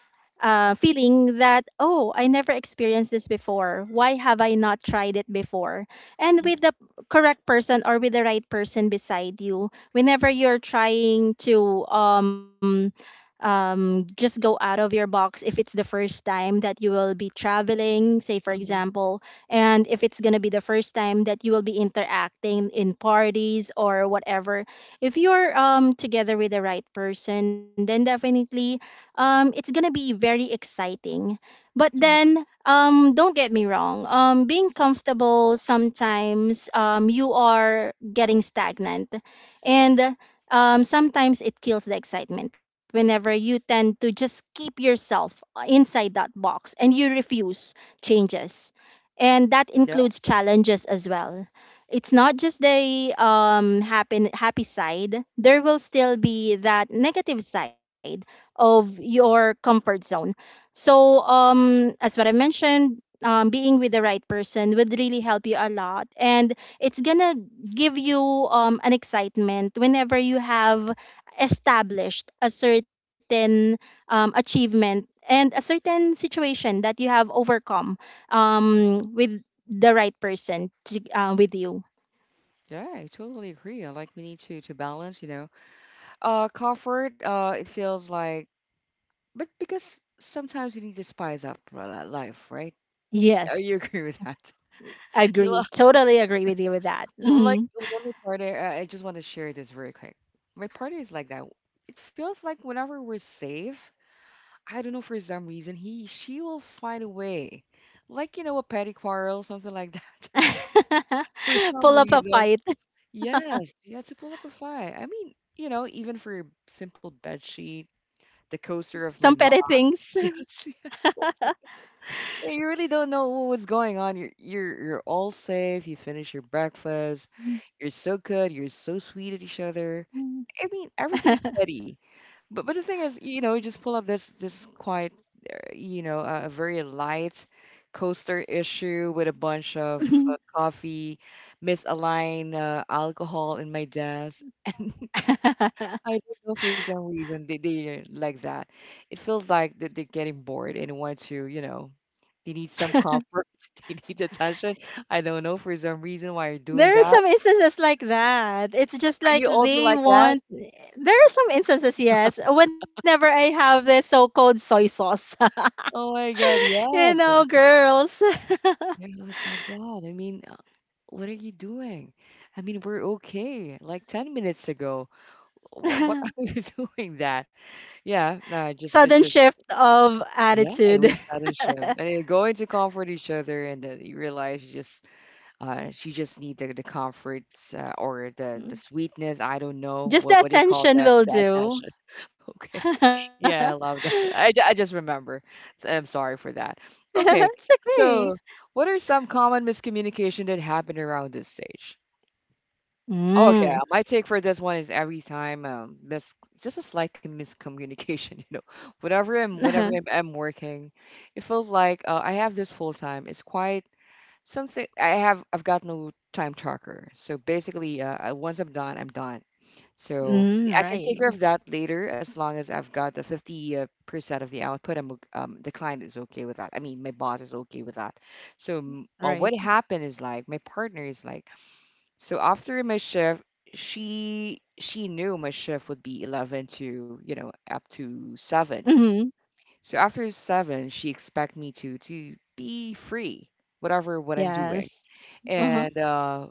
[SPEAKER 2] uh, feeling that, oh, I never experienced this before. Why have I not tried it before? And with the correct person or with the right person beside you, whenever you're trying to, just go out of your box, if it's the first time that you will be traveling, say for
[SPEAKER 1] hmm
[SPEAKER 2] example, and if it's going to be the first time that you will be interacting in parties or whatever, if you're, together with the right person, then definitely, it's gonna be very exciting. But then, don't get me wrong. Being comfortable sometimes, you are getting stagnant, and sometimes it kills the excitement. Whenever you tend to just keep yourself, inside that box and you refuse changes, and that includes challenges as well. It's not just the, happen happy side. There will still be that negative side of your comfort zone. So, as what I mentioned, being with the right person would really help you a lot, and it's gonna give you, an excitement whenever you have established a certain, achievement and a certain situation that you have overcome, with the right person to, with you.
[SPEAKER 1] Yeah, I totally agree. I, like, we need to balance, you know. Comfort, it feels like, but because sometimes you need to spice up for that life, right? You
[SPEAKER 2] Yes,
[SPEAKER 1] agree with that? You
[SPEAKER 2] agree. Totally agree with you with that.
[SPEAKER 1] like
[SPEAKER 2] Mm-hmm.
[SPEAKER 1] when we party, I just want to share this very quick. My party is like that. It feels like whenever we're safe, I don't know for some reason he, she will find a way. Like, you know, a petty quarrel, something like that. For
[SPEAKER 2] Pull
[SPEAKER 1] some
[SPEAKER 2] up a
[SPEAKER 1] reason,
[SPEAKER 2] fight.
[SPEAKER 1] yes, yeah, to pull up a fight. I mean, you know, even for your simple bed sheet, the coaster
[SPEAKER 2] Some
[SPEAKER 1] of
[SPEAKER 2] petty
[SPEAKER 1] my mom.
[SPEAKER 2] things.
[SPEAKER 1] Yes, yes. Also. Yeah, you really don't know what's going on. You're all safe. You finish your breakfast. You're so good. You're so sweet at each other. I mean, everything is steady. But the thing is, you know, you just pull up this quiet, you know, a very light coaster issue with a bunch of coffee, misaligned alcohol in my desk. And I don't know for some reason they're like that. It feels like that they're getting bored and want to, they need some comfort, they need attention. I don't know for some reason why you're doing
[SPEAKER 2] There are
[SPEAKER 1] that.
[SPEAKER 2] some instances like that. It's just
[SPEAKER 1] Are
[SPEAKER 2] like
[SPEAKER 1] you also
[SPEAKER 2] they
[SPEAKER 1] like that?
[SPEAKER 2] want. There are some instances, yes. Whenever I have this so-called soy sauce,
[SPEAKER 1] Oh my God,
[SPEAKER 2] you know,
[SPEAKER 1] yes.
[SPEAKER 2] girls,
[SPEAKER 1] I was like that. I mean, what are you doing? I mean, we're okay. Like 10 minutes ago. What are you doing that? Yeah, no, it
[SPEAKER 2] sudden
[SPEAKER 1] just,
[SPEAKER 2] shift of
[SPEAKER 1] yeah, it
[SPEAKER 2] attitude.
[SPEAKER 1] was sudden shift. And they go in to comfort each other, and then you realize you she just need the comfort, or the sweetness. I don't know.
[SPEAKER 2] Just the
[SPEAKER 1] What do you call
[SPEAKER 2] attention
[SPEAKER 1] that?
[SPEAKER 2] will
[SPEAKER 1] The
[SPEAKER 2] do.
[SPEAKER 1] attention. Okay. Yeah, I love that. I just remember. I'm sorry for that.
[SPEAKER 2] It's
[SPEAKER 1] Okay.
[SPEAKER 2] okay.
[SPEAKER 1] So, what are some common miscommunication that happen around this stage? Oh, okay.
[SPEAKER 2] Mm.
[SPEAKER 1] My take for this one is every time mis it's just a slight miscommunication, you know. Whenever I'm whenever I'm, I'm working, it feels like I have this full time. It's quite something. I've got no time tracker. So basically, once I'm done, I'm done. So
[SPEAKER 2] Mm,
[SPEAKER 1] I can
[SPEAKER 2] right,
[SPEAKER 1] take care of that later as long as I've got the 50 percent of the output. The client is okay with that. I mean, my boss is okay with that. So
[SPEAKER 2] right.
[SPEAKER 1] what happened is like my partner is like, so after my shift, she knew my shift would be 11 to, up to 7.
[SPEAKER 2] Mm-hmm.
[SPEAKER 1] So after 7, she expect me to be free whatever what I'm doing.
[SPEAKER 2] Yes. Uh-huh.
[SPEAKER 1] And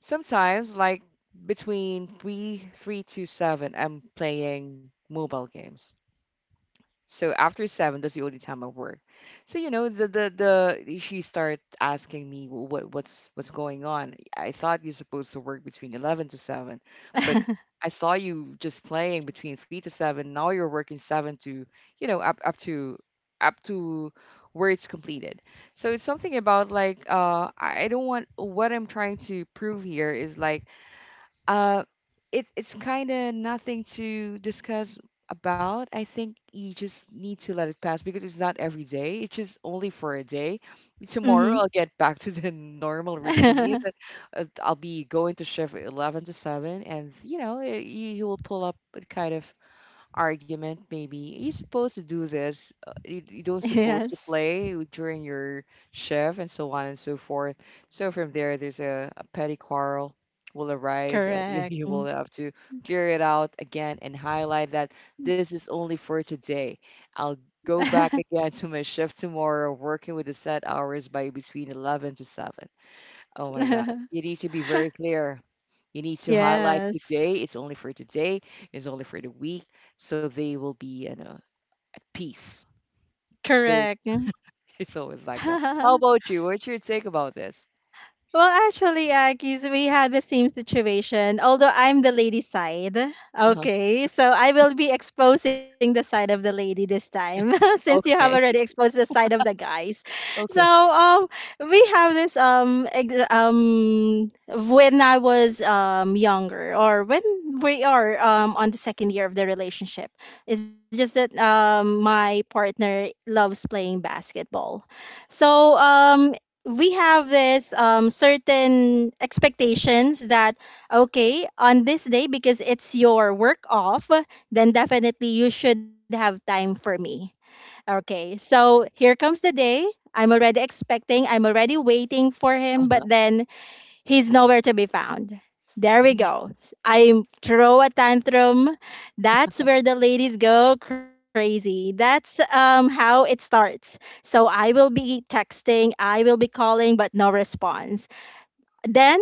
[SPEAKER 1] sometimes like between 3 to 7, I'm playing mobile games. So after seven, that's the only time I work. So you know, the she started asking me what's going on. I thought you're supposed to work between 11 to 7, but I saw you just playing between 3 to 7. Now you're working seven to you know up up to up to where it's completed. So it's something about like I don't want, what I'm trying to prove here is like, uh, it's kind of nothing to discuss about. I think you just need to let it pass because it's not every day. It's just only for a day.
[SPEAKER 2] Mm-hmm.
[SPEAKER 1] Tomorrow I'll get back to the normal routine, but I'll be going to shift 11 to 7, and you know, you will pull up a kind of argument, maybe you are supposed to do this, you don't supposed to
[SPEAKER 2] Yes.
[SPEAKER 1] play during your shift and so on and so forth. So from there, there's a petty quarrel will arise, and
[SPEAKER 2] Correct.
[SPEAKER 1] you will
[SPEAKER 2] Mm.
[SPEAKER 1] have to clear it out again and highlight that this is only for today. I'll go back again to my shift tomorrow, working with the set hours by between 11 to 7. Oh my God. You need to be very clear. You need to highlight today.
[SPEAKER 2] Yes.
[SPEAKER 1] It's only for today. It's only for the week. So they will be, at peace.
[SPEAKER 2] Correct.
[SPEAKER 1] There's, it's always like that. How about you? What's your take about this?
[SPEAKER 2] Well, actually, Akis, we had the same situation. Although I'm the lady side,
[SPEAKER 1] Uh-huh.
[SPEAKER 2] okay, so I will be exposing the side of the lady this time, since you have already
[SPEAKER 1] Okay.
[SPEAKER 2] exposed the side of the guys. So,
[SPEAKER 1] Okay.
[SPEAKER 2] um, we have this when I was younger, or when we are on the second year of the relationship. It's just that my partner loves playing basketball. So we have this certain expectations that okay, on this day, because it's your work off, then definitely you should have time for me. Okay, so here comes the day. I'm already waiting for him, but
[SPEAKER 1] Uh-huh.
[SPEAKER 2] then he's nowhere to be found. There we
[SPEAKER 1] Mhm.
[SPEAKER 2] go. I throw a tantrum. That's where the ladies go crazy. That's how it starts. So I will be texting, I will be calling, but no response. Then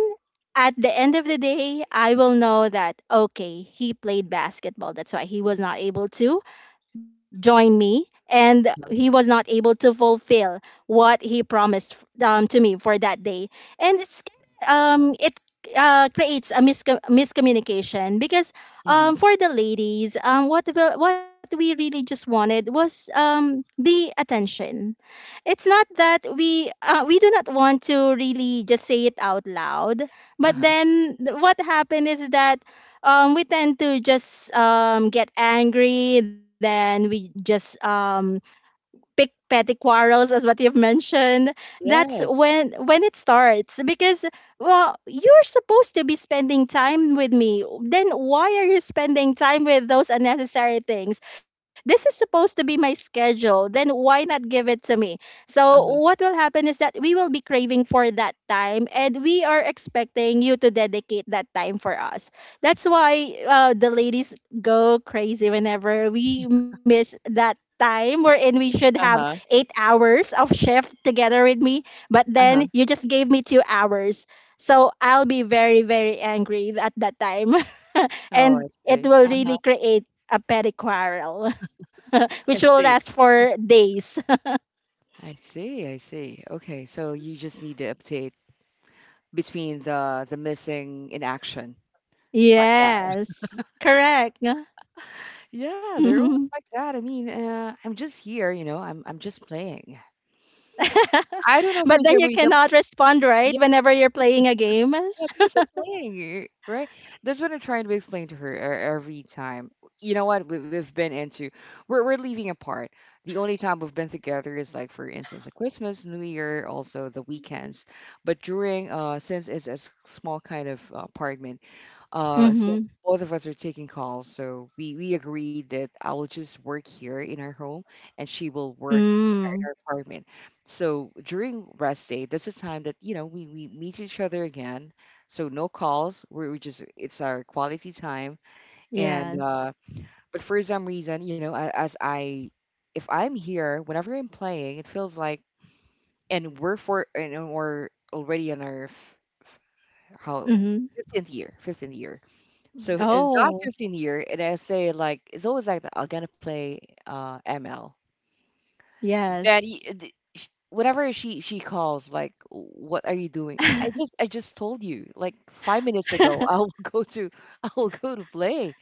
[SPEAKER 2] at the end of the day, I will know that, okay, he played basketball. That's why he was not able to join me, and
[SPEAKER 1] Uh-huh.
[SPEAKER 2] he was not able to fulfill what he promised to me for that day, and it creates a miscommunication, because
[SPEAKER 1] Mhm.
[SPEAKER 2] for the ladies, what we really just wanted was the attention. It's not that we do not want to really just say it out loud, but
[SPEAKER 1] Uh-huh.
[SPEAKER 2] then what happened is that we tend to just get angry, then we just pick petty quarrels, as what you've mentioned. That's
[SPEAKER 1] Yes.
[SPEAKER 2] when it starts, because well, you're supposed to be spending time with me, then why are you spending time with those unnecessary things? This is supposed to be my schedule, then why not give it to me? So
[SPEAKER 1] Uh-huh.
[SPEAKER 2] what will happen is that we will be craving for that time, and we are expecting you to dedicate that time for us. That's why the ladies go crazy whenever we miss that time wherein we should have
[SPEAKER 1] Uh-huh.
[SPEAKER 2] 8 hours of shift together with me. But then
[SPEAKER 1] Uh-huh.
[SPEAKER 2] you just gave me 2 hours. So I'll be very, very angry at that time.
[SPEAKER 1] Oh,
[SPEAKER 2] And
[SPEAKER 1] I
[SPEAKER 2] it
[SPEAKER 1] see.
[SPEAKER 2] will
[SPEAKER 1] Uh-huh.
[SPEAKER 2] really create a petty quarrel,
[SPEAKER 1] I
[SPEAKER 2] which will
[SPEAKER 1] see.
[SPEAKER 2] last for days.
[SPEAKER 1] I see. I see. Okay. So you just need to update between the missing in action, like that.
[SPEAKER 2] Yes, correct.
[SPEAKER 1] Yeah, they're always
[SPEAKER 2] Mhm.
[SPEAKER 1] like that. I mean, I'm just here, you know. I'm just playing. I don't
[SPEAKER 2] But
[SPEAKER 1] know
[SPEAKER 2] then
[SPEAKER 1] for
[SPEAKER 2] you
[SPEAKER 1] some reason.
[SPEAKER 2] cannot respond, right?
[SPEAKER 1] Yeah,
[SPEAKER 2] Whenever you're playing
[SPEAKER 1] be-
[SPEAKER 2] a game.
[SPEAKER 1] yeah, because I'm playing, right? That's what I'm trying to explain to her every time. You know what? We, we've been into we're leaving apart. The only time we've been together is like, for instance, at Christmas, New Year, also the weekends. But during since it's a small kind of apartment. Since
[SPEAKER 2] Mm-hmm.
[SPEAKER 1] both of us are taking calls, so we agreed that I will just work here in our home, and she will work in
[SPEAKER 2] Mm.
[SPEAKER 1] her apartment. So during rest day, that's the time that we meet each other again. So no calls. We just it's our quality time. And
[SPEAKER 2] Yes.
[SPEAKER 1] But for some reason, as I if I'm here, whenever I'm playing, it feels like and we're for and we're already on our f- f- how
[SPEAKER 2] Mm-hmm.
[SPEAKER 1] 15th year, 15th year. So in the last
[SPEAKER 2] Oh,
[SPEAKER 1] 15 year, and I say like it's always like that, I'm gonna play ML. Then
[SPEAKER 2] yes.
[SPEAKER 1] he, uh, Whenever she calls, like, what are you doing? I just told you like 5 minutes ago. I will go to I will go to play.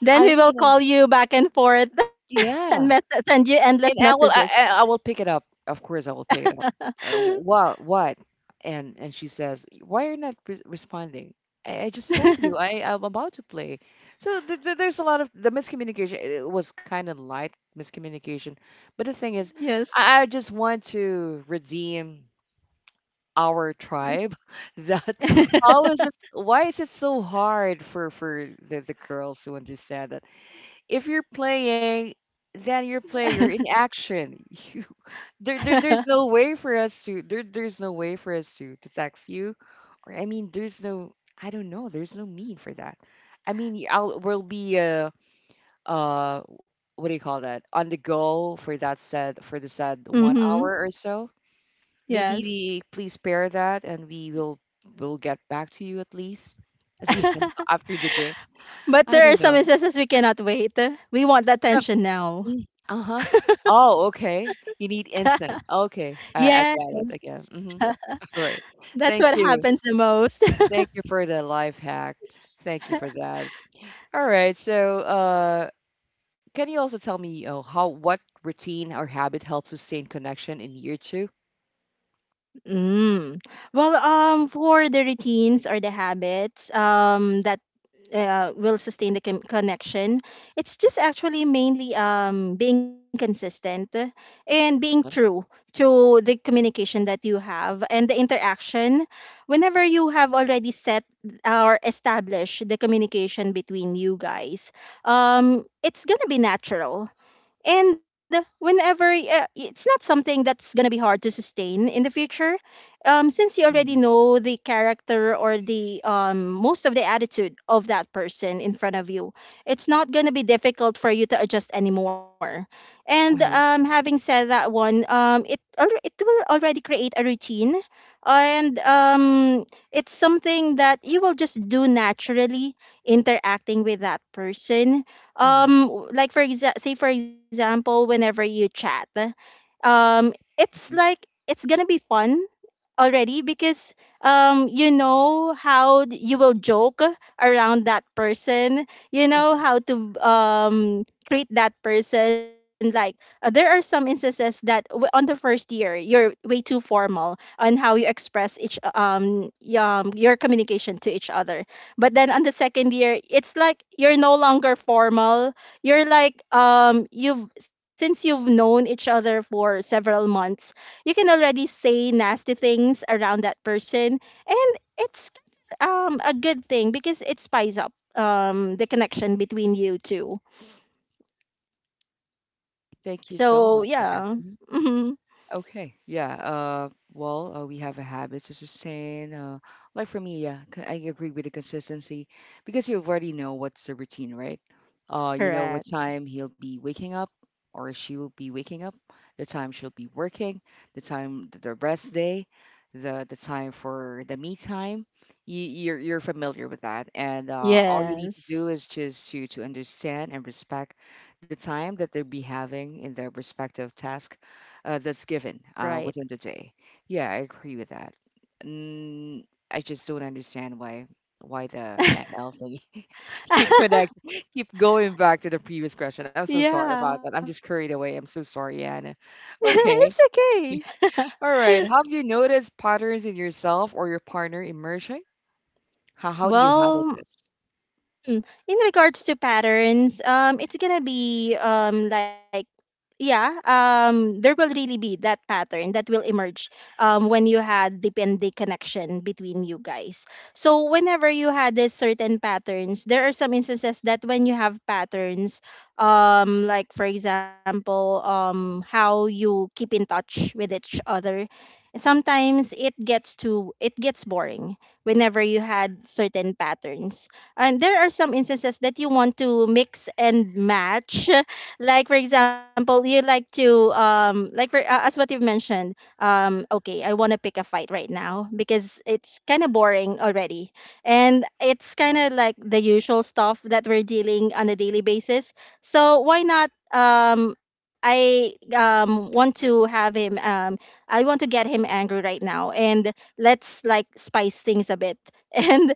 [SPEAKER 2] Then
[SPEAKER 1] I
[SPEAKER 2] we will
[SPEAKER 1] mean, uh,
[SPEAKER 2] call you back and forth and
[SPEAKER 1] yeah.
[SPEAKER 2] send you endless
[SPEAKER 1] And I will
[SPEAKER 2] messages.
[SPEAKER 1] I will pick it up. Of course, I will pick it up. What what? And she says, why are you not re responding? I just told you I'm about to play. So there's a lot of the miscommunication. It was kind of light miscommunication, but the thing is,
[SPEAKER 2] Yes.
[SPEAKER 1] I just want to redeem our tribe. That how is it? Why is it so hard for the girls to understand that? If you're playing, then you're playing. You're in action. You there's no way for us to there's no way for us to text you, or I mean there's no I don't know there's no mean for that. I mean y- I'll we'll be uh what do you call that, on the go for that said for the said one
[SPEAKER 2] Mm-hmm.
[SPEAKER 1] hour or so. Maybe
[SPEAKER 2] Yes.
[SPEAKER 1] we please pair that and we will get back to you at least at the end after the game.
[SPEAKER 2] But
[SPEAKER 1] I
[SPEAKER 2] there are
[SPEAKER 1] don't
[SPEAKER 2] some
[SPEAKER 1] know.
[SPEAKER 2] instances we cannot wait. We want the attention now.
[SPEAKER 1] Mm, uh-huh. Oh, okay. You need instant. Okay.
[SPEAKER 2] Yes.
[SPEAKER 1] I got it again. Mm-hmm. All right.
[SPEAKER 2] That's
[SPEAKER 1] Thank
[SPEAKER 2] what
[SPEAKER 1] you.
[SPEAKER 2] happens the most.
[SPEAKER 1] Thank you for the life hack. Thank you for that. All right. Can you also tell me how what routine or habit helps sustain connection in year two?
[SPEAKER 2] Mm. Well, for the routines or the habits, that will sustain the connection, it's just actually mainly being consistent and being true
[SPEAKER 1] Uh-huh.
[SPEAKER 2] to the communication that you have and the interaction. Whenever you have already set or established the communication between you guys, it's gonna be natural, and whenever it's not something that's going to be hard to sustain in the future, since you already
[SPEAKER 1] Mhm.
[SPEAKER 2] know the character, or the most of the attitude of that person in front of you, it's not going to be difficult for you to adjust anymore. And
[SPEAKER 1] Uh-huh.
[SPEAKER 2] having said that one, it will already create a routine. And it's something that you will just do naturally, interacting with that person.
[SPEAKER 1] Mhm.
[SPEAKER 2] um like, say for example, whenever you chat, um it's
[SPEAKER 1] Mhm.
[SPEAKER 2] like, it's gonna be fun already, because you know how you will joke around that person. You know
[SPEAKER 1] Mhm.
[SPEAKER 2] how to treat that person like, there are some instances that on the first year you're way too formal on how you express each your communication to each other, but then on the second year it's like you're no longer formal. You're like, you've since you've known each other for several months, you can already say nasty things around that person, and it's a good thing because it spies up the connection between you two.
[SPEAKER 1] Thank you so
[SPEAKER 2] So
[SPEAKER 1] much for that.
[SPEAKER 2] yeah.
[SPEAKER 1] Mm-hmm.
[SPEAKER 2] Hmm.
[SPEAKER 1] Okay, yeah. We have a habit to sustain. Like for me, yeah, I agree with the consistency because you already know what's the routine, right? You know what
[SPEAKER 2] Correct.
[SPEAKER 1] time he'll be waking up or she will be waking up, the time she'll be working, the time the rest day, the time for the me time. You're familiar with that, and all you need to do
[SPEAKER 2] Yes,
[SPEAKER 1] is just to understand and respect the time that they'll be having in their respective task that's given
[SPEAKER 2] right.
[SPEAKER 1] within the day. Yeah, I agree with that. Mm, I just don't understand why the ML thing keep connect keep going back to the previous question. I'm so sorry about
[SPEAKER 2] Yeah.
[SPEAKER 1] that. I'm just carried away. I'm so sorry, Anna. Okay.
[SPEAKER 2] It's
[SPEAKER 1] All
[SPEAKER 2] okay.
[SPEAKER 1] right. Have you noticed patterns in yourself or your partner emerging? How do you handle
[SPEAKER 2] Well,
[SPEAKER 1] this?
[SPEAKER 2] mm. In regards to patterns, it's gonna be like, yeah, there will really be that pattern that will emerge when you had the pending connection between you guys. So whenever you had this certain patterns, there are some instances that when you have patterns, like for example, how you keep in touch with each other. Sometimes it gets boring whenever you had certain patterns, and there are some instances that you want to mix and match. Like for example, you like to like, for as what you've mentioned, okay, I want to pick a fight right now because it's kind of boring already, and it's kind of like the usual stuff that we're dealing on a daily basis. So why not I want to have him, I want to get him angry right now. And let's like spice things a bit, and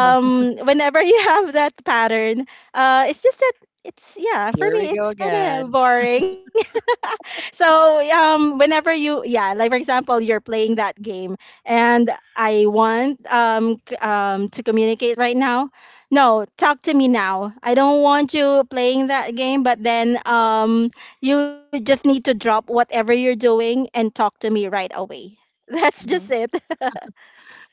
[SPEAKER 1] Uh,
[SPEAKER 2] whenever you have that pattern. It's just that, it's, yeah, for
[SPEAKER 1] here we
[SPEAKER 2] me
[SPEAKER 1] go
[SPEAKER 2] it's kind
[SPEAKER 1] again.
[SPEAKER 2] of boring. So whenever you, yeah, like for example, you're playing that game, and I want to communicate right now. No, talk to me now. I don't want you playing that game. But then you just need to drop whatever you're doing and talk to me right away. That's just it.
[SPEAKER 1] Hmm.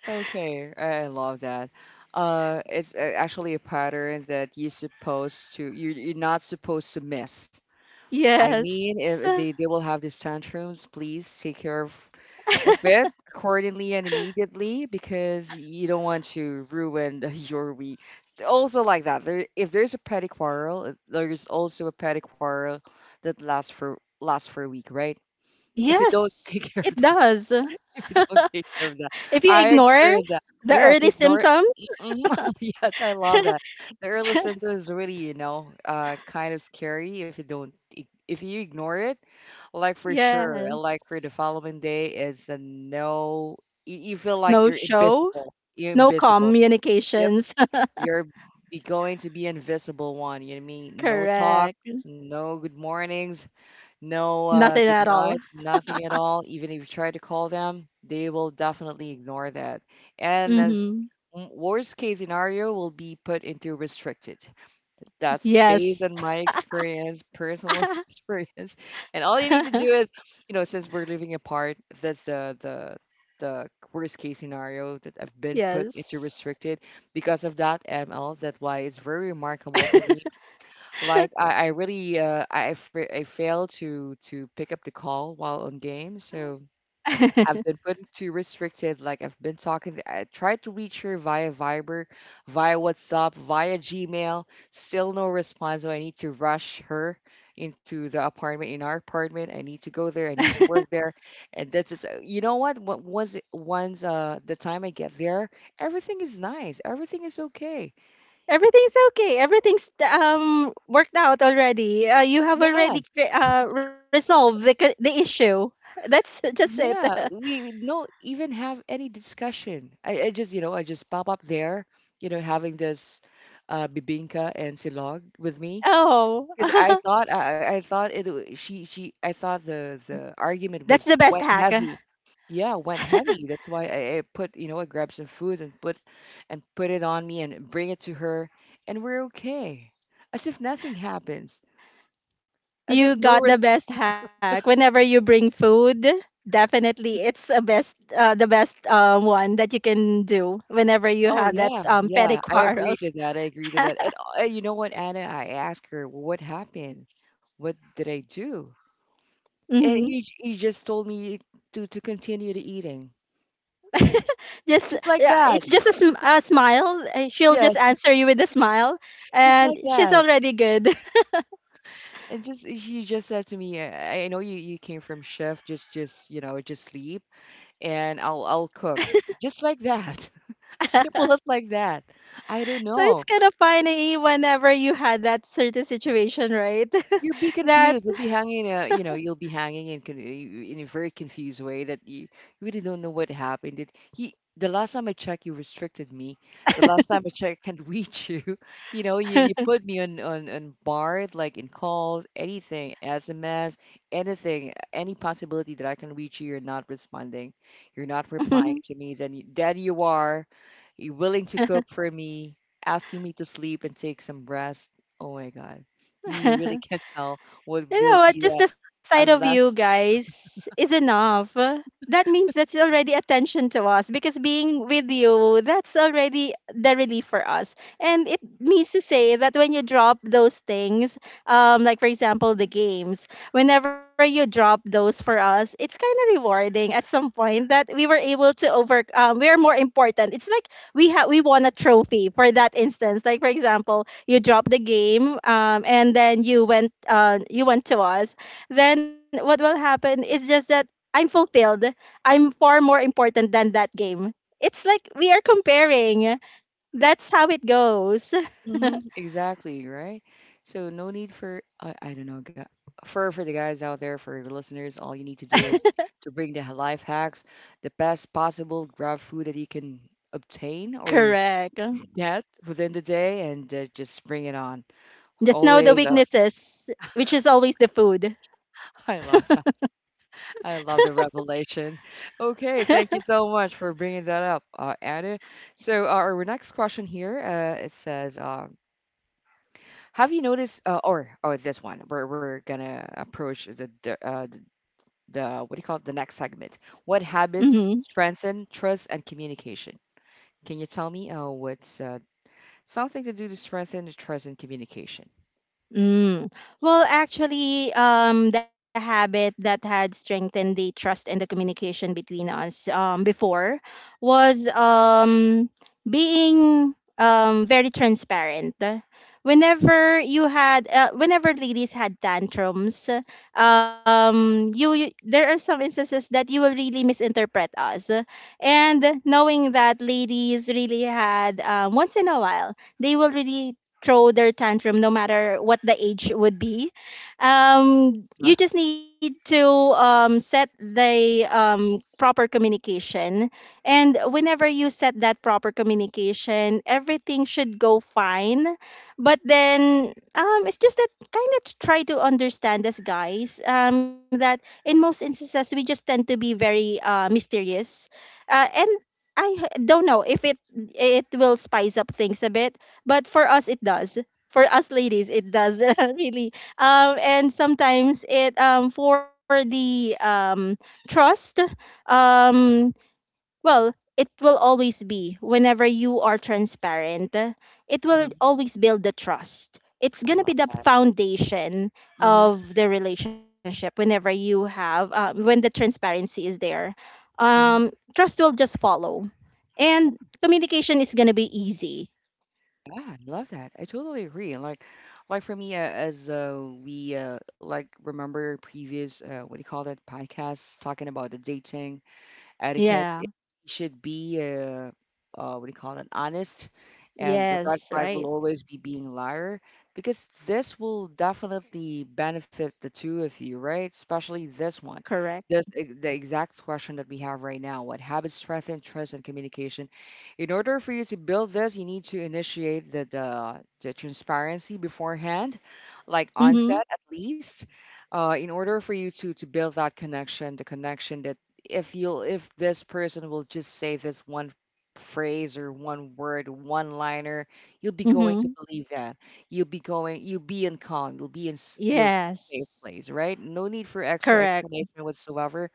[SPEAKER 1] Okay, I love that. Actually a pattern that you're supposed to, you're not supposed to miss. I
[SPEAKER 2] Yes.
[SPEAKER 1] mean, if they will have these tantrums, please take care of it accordingly and immediately because you don't want to ruin your week. Also, like that, there if there's a petty quarrel, there's also a petty quarrel that lasts for a week, right? If you
[SPEAKER 2] Yes,
[SPEAKER 1] don't
[SPEAKER 2] it
[SPEAKER 1] take care of that,
[SPEAKER 2] does.
[SPEAKER 1] if you don't take care of that,
[SPEAKER 2] If you
[SPEAKER 1] I
[SPEAKER 2] ignore
[SPEAKER 1] experienced that.
[SPEAKER 2] the
[SPEAKER 1] Yeah,
[SPEAKER 2] early
[SPEAKER 1] if you ignore.
[SPEAKER 2] symptom,
[SPEAKER 1] Mhm. Yes, I love that. The early symptoms is really, you know, kind of scary if you don't, if you ignore it, like for sure,
[SPEAKER 2] yes.
[SPEAKER 1] like for the following day is a no. You feel
[SPEAKER 2] No
[SPEAKER 1] like you're
[SPEAKER 2] show,
[SPEAKER 1] invisible. You're
[SPEAKER 2] no
[SPEAKER 1] invisible. Yep,
[SPEAKER 2] communications.
[SPEAKER 1] you're be going to be invisible one. You know what I mean? No talks,
[SPEAKER 2] Correct.
[SPEAKER 1] no good mornings, no
[SPEAKER 2] Nothing
[SPEAKER 1] good
[SPEAKER 2] at all.
[SPEAKER 1] nights, nothing at all. Even if you try to call them, they will definitely ignore that. And as
[SPEAKER 2] Mm-hmm.
[SPEAKER 1] worst case scenario, will be put into restricted. That's based
[SPEAKER 2] Yes.
[SPEAKER 1] on my experience, personal experience. And all you need to do is, you know, since we're living apart, that's the worst case scenario that I've been put into
[SPEAKER 2] Yes.
[SPEAKER 1] restricted because of that ML. That's why it's very remarkable for me. Like I really I I failed to pick up the call while on game, so I've been put into restricted. Like I've been talking I tried to reach her via Viber, via WhatsApp, via Gmail. Still no response. So I need to rush her into the apartment in our apartment. I need to go there. I need to work there. And that's just, you know what? What once the time I get there, everything is nice. Everything is okay.
[SPEAKER 2] Everything's okay. Everything's worked out already. You have
[SPEAKER 1] Yeah.
[SPEAKER 2] already resolved the issue. That's just it.
[SPEAKER 1] Yeah, we don't even have any discussion. I just, you know, I just pop up there, you know, having this bibinka and silog with me
[SPEAKER 2] Oh,
[SPEAKER 1] because I thought it w- she I thought the
[SPEAKER 2] that's the
[SPEAKER 1] argument
[SPEAKER 2] best
[SPEAKER 1] was
[SPEAKER 2] hack.
[SPEAKER 1] went heavy. Yeah, went heavy. That's why I put, you know, I grabbed some foods and put it on me and bring it to her, and we're okay, as if nothing happens, as if
[SPEAKER 2] You
[SPEAKER 1] no
[SPEAKER 2] got the
[SPEAKER 1] res.
[SPEAKER 2] best hack. Whenever you bring food, definitely it's a best the best one that you can do whenever you
[SPEAKER 1] Oh,
[SPEAKER 2] have that petty
[SPEAKER 1] yeah, I agree to
[SPEAKER 2] quarrels.
[SPEAKER 1] that, I agree to that, and, you know what, Anna, I asked her, "Well, "What happened? What did I do?"
[SPEAKER 2] Hmm.
[SPEAKER 1] And you just told me to continue to eating.
[SPEAKER 2] Just
[SPEAKER 1] Just like
[SPEAKER 2] yeah, it's
[SPEAKER 1] that.
[SPEAKER 2] just a smile. She'll just
[SPEAKER 1] Yes,
[SPEAKER 2] answer you with a smile,
[SPEAKER 1] just like
[SPEAKER 2] and she's
[SPEAKER 1] that.
[SPEAKER 2] already good.
[SPEAKER 1] And just she just said to me, I know you came from chef, just, you know, just sleep, and I'll cook." Just like that. As simple as like that. I don't
[SPEAKER 2] So it's
[SPEAKER 1] know.
[SPEAKER 2] kind of funny whenever you had that certain situation, right?
[SPEAKER 1] You'll be
[SPEAKER 2] That.
[SPEAKER 1] confused. You'll be hanging, you know, you'll be hanging in a very confused way that you really don't know what happened. Did he? The last time I checked, you restricted me. The last time I checked, I can't reach you. You know, you put me on, on barred, like in calls, anything, SMS, anything, any possibility that I can reach you. You're not responding. You're not replying to me. Then, then you are. You're willing to cook for me, asking me to sleep and take some rest. Oh my God. You really can't tell what will
[SPEAKER 2] You know
[SPEAKER 1] be
[SPEAKER 2] what?
[SPEAKER 1] there
[SPEAKER 2] Just the sight of you
[SPEAKER 1] unless.
[SPEAKER 2] guys is enough. That means that's already attention to us, because being with you, that's already the relief for us. And it means to say that when you drop those things, like for example, the games, whenever you drop those for us, it's kind of rewarding at some point that we were able to we are more important. It's like we won a trophy for that instance. Like for example, you dropped the game, and then you went to us. Then what will happen is just that I'm fulfilled. I'm far more important than that game. It's like we are comparing. That's how it goes.
[SPEAKER 1] Hmm, exactly, right? So no need for I don't know, for the guys out there, for your listeners, all you need to do is to bring the life hacks, the best possible grab food that you can obtain or
[SPEAKER 2] Correct.
[SPEAKER 1] get within the day, and just bring it on.
[SPEAKER 2] Just know the
[SPEAKER 1] Always,
[SPEAKER 2] weaknesses, which is always the food.
[SPEAKER 1] I love that. I love the revelation. Okay, thank you so much for bringing that up, Anna. So our next question here, it says. Have you noticed, or this one, where we're gonna approach what do you call it, the next segment? What habits
[SPEAKER 2] Mhm.
[SPEAKER 1] strengthen trust and communication? Can you tell me, what's something to do to strengthen the trust and communication?
[SPEAKER 2] Mm. Well, actually, the habit that had strengthened the trust and the communication between us before was being very transparent. Whenever ladies had tantrums, you, you there are some instances that you will really misinterpret us, and knowing that ladies really had, once in a while, they will really throw their tantrum no matter what the age would be.
[SPEAKER 1] Huh?
[SPEAKER 2] You just need to set the proper communication, and whenever you set that proper communication, everything should go fine. But then it's just that, kind of try to understand us guys, that in most instances we just tend to be very mysterious. And I don't know if it will spice up things a bit, but for us it does, for us ladies it does. Really. And sometimes it for the trust, um well, it will always be whenever you are transparent. It will
[SPEAKER 1] Mm-hmm.
[SPEAKER 2] always build the trust. It's
[SPEAKER 1] I
[SPEAKER 2] going to be
[SPEAKER 1] love
[SPEAKER 2] the
[SPEAKER 1] that.
[SPEAKER 2] foundation
[SPEAKER 1] Hmm.
[SPEAKER 2] of the relationship, whenever you have when the transparency is there. um
[SPEAKER 1] Hmm.
[SPEAKER 2] Trust will just follow,
[SPEAKER 1] Yeah,
[SPEAKER 2] and communication is going to be easy.
[SPEAKER 1] I love that. I totally agree. And like for me, as we like remember previous what do you call that, podcast talking about the dating etiquette.
[SPEAKER 2] Yeah.
[SPEAKER 1] It should be, what do you call it, honest. And the red
[SPEAKER 2] Yes,
[SPEAKER 1] flag will
[SPEAKER 2] right.
[SPEAKER 1] always be being a liar because this will definitely benefit the two of you, right? Especially this one.
[SPEAKER 2] Correct.
[SPEAKER 1] This, the exact question that we have right now, what habits strengthen trust and communication? In order for you to build this, you need to initiate the transparency beforehand, like
[SPEAKER 2] Mhm.
[SPEAKER 1] onset at least in order for you to build that connection, the connection that if you'll if this person will just say this one phrase or one word one liner, you'll be going to
[SPEAKER 2] Mhm.
[SPEAKER 1] believe that, you'll be going you'll be in calm you'll be in you'll safe place,
[SPEAKER 2] Yes.
[SPEAKER 1] right? No need for extra
[SPEAKER 2] Correct.
[SPEAKER 1] explanation whatsoever.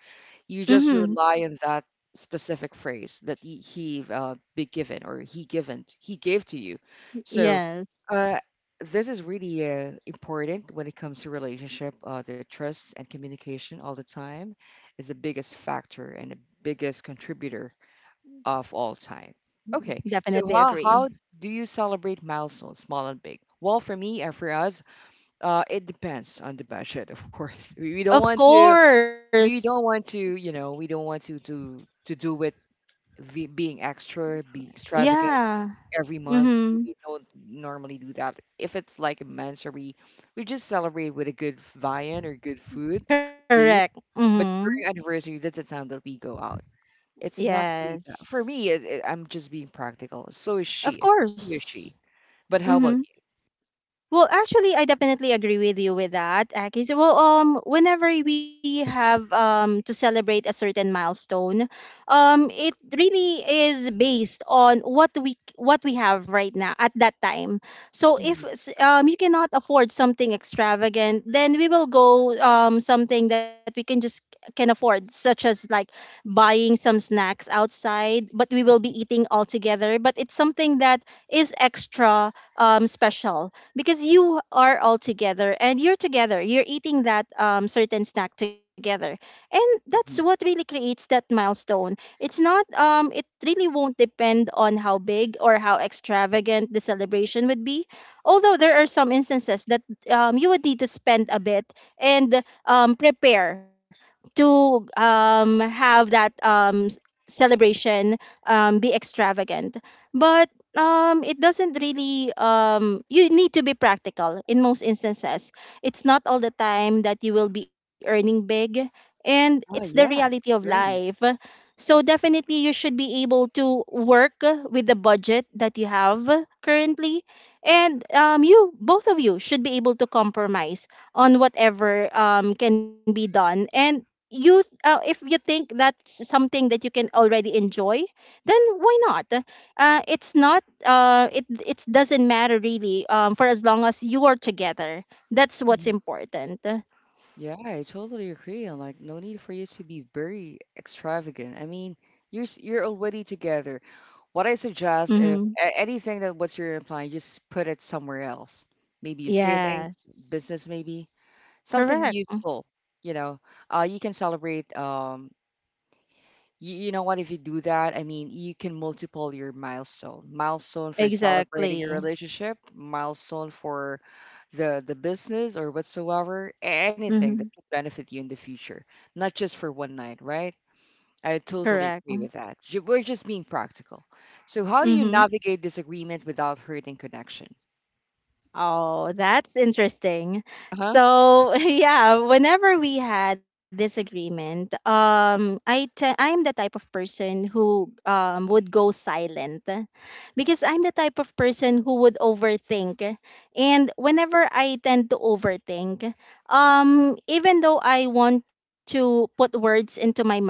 [SPEAKER 1] You just
[SPEAKER 2] Mhm.
[SPEAKER 1] rely on that specific phrase that he be given or he gave to you. So
[SPEAKER 2] Yes.
[SPEAKER 1] uh, this is really important when it comes to relationship the trust and communication all the time is the biggest factor and the biggest contributor of all time. Okay, so
[SPEAKER 2] Definitely
[SPEAKER 1] how
[SPEAKER 2] agree.
[SPEAKER 1] do you celebrate milestones, small and big? Well, for me and for us, it depends on the budget, of course. We don't want
[SPEAKER 2] Of
[SPEAKER 1] to,
[SPEAKER 2] course.
[SPEAKER 1] we don't want to, you know, we don't want to do it being extra, be extravagant
[SPEAKER 2] Yeah.
[SPEAKER 1] every month.
[SPEAKER 2] Mhm.
[SPEAKER 1] We don't normally do that. If it's like a immensary, we just celebrate with a good viand or good food, at least.
[SPEAKER 2] Correct.
[SPEAKER 1] But
[SPEAKER 2] Mhm.
[SPEAKER 1] during anniversary, that's the time that we go out. It's not really that for me,
[SPEAKER 2] Yes.
[SPEAKER 1] is it? I'm just being practical. So is she.
[SPEAKER 2] Of
[SPEAKER 1] So is
[SPEAKER 2] course.
[SPEAKER 1] she. But how about
[SPEAKER 2] Mhm. Well, actually, I definitely agree with you with that, Aki. So, well, whenever we have to celebrate a certain milestone, it really is based on what we have right now at that time. So
[SPEAKER 1] you?
[SPEAKER 2] if
[SPEAKER 1] Mhm,
[SPEAKER 2] you cannot afford something extravagant, then we will go something that we can afford, such as like buying some snacks outside, but we will be
[SPEAKER 1] mhm,
[SPEAKER 2] eating all together. But it's something that is extra special because you are all together and you're eating that certain snack together, and that's what
[SPEAKER 1] mhm.
[SPEAKER 2] really creates that milestone. It's not it really won't depend on how big or how extravagant the celebration would be, although there are some instances that you would need to spend a bit and prepare to celebration be extravagant. But it doesn't really you need to be practical in most instances. It's not all the time that you will be earning big, and it's the
[SPEAKER 1] Oh, yeah.
[SPEAKER 2] reality of life.
[SPEAKER 1] Great.
[SPEAKER 2] So definitely you should be able to work with the budget that you have currently. And you, both of you should be able to compromise on whatever can be done. And you if you think that's something that you can already enjoy, then why not? It's not it It doesn't matter really, for as long as you are together. That's what's
[SPEAKER 1] Mhm.
[SPEAKER 2] important.
[SPEAKER 1] Yeah, I totally agree. I'm like, no need for you to be very extravagant. I mean, you're already together. What I suggest, if
[SPEAKER 2] Mm-hmm.
[SPEAKER 1] anything that what's your implying, just put it somewhere else. Maybe a savings,
[SPEAKER 2] Yes,
[SPEAKER 1] business, maybe something
[SPEAKER 2] correct.
[SPEAKER 1] useful. You know, you can celebrate. You know what? If you do that, I mean, you can multiple your milestone. Milestone for celebrating your
[SPEAKER 2] Exactly.
[SPEAKER 1] relationship, milestone for the business or whatsoever, anything that
[SPEAKER 2] Mm-hmm.
[SPEAKER 1] could benefit you in the future, not just for one night, right? I
[SPEAKER 2] Correct.
[SPEAKER 1] totally agree with that. We're just being practical. So, how do you
[SPEAKER 2] Mm-hmm.
[SPEAKER 1] navigate disagreement without hurting connection?
[SPEAKER 2] Oh, that's interesting.
[SPEAKER 1] Uh huh.
[SPEAKER 2] So, yeah, whenever we had disagreement, I'm the type of person who would go silent because I'm the type of person who would overthink. And whenever I tend to overthink, even though I want to put words into my mouth,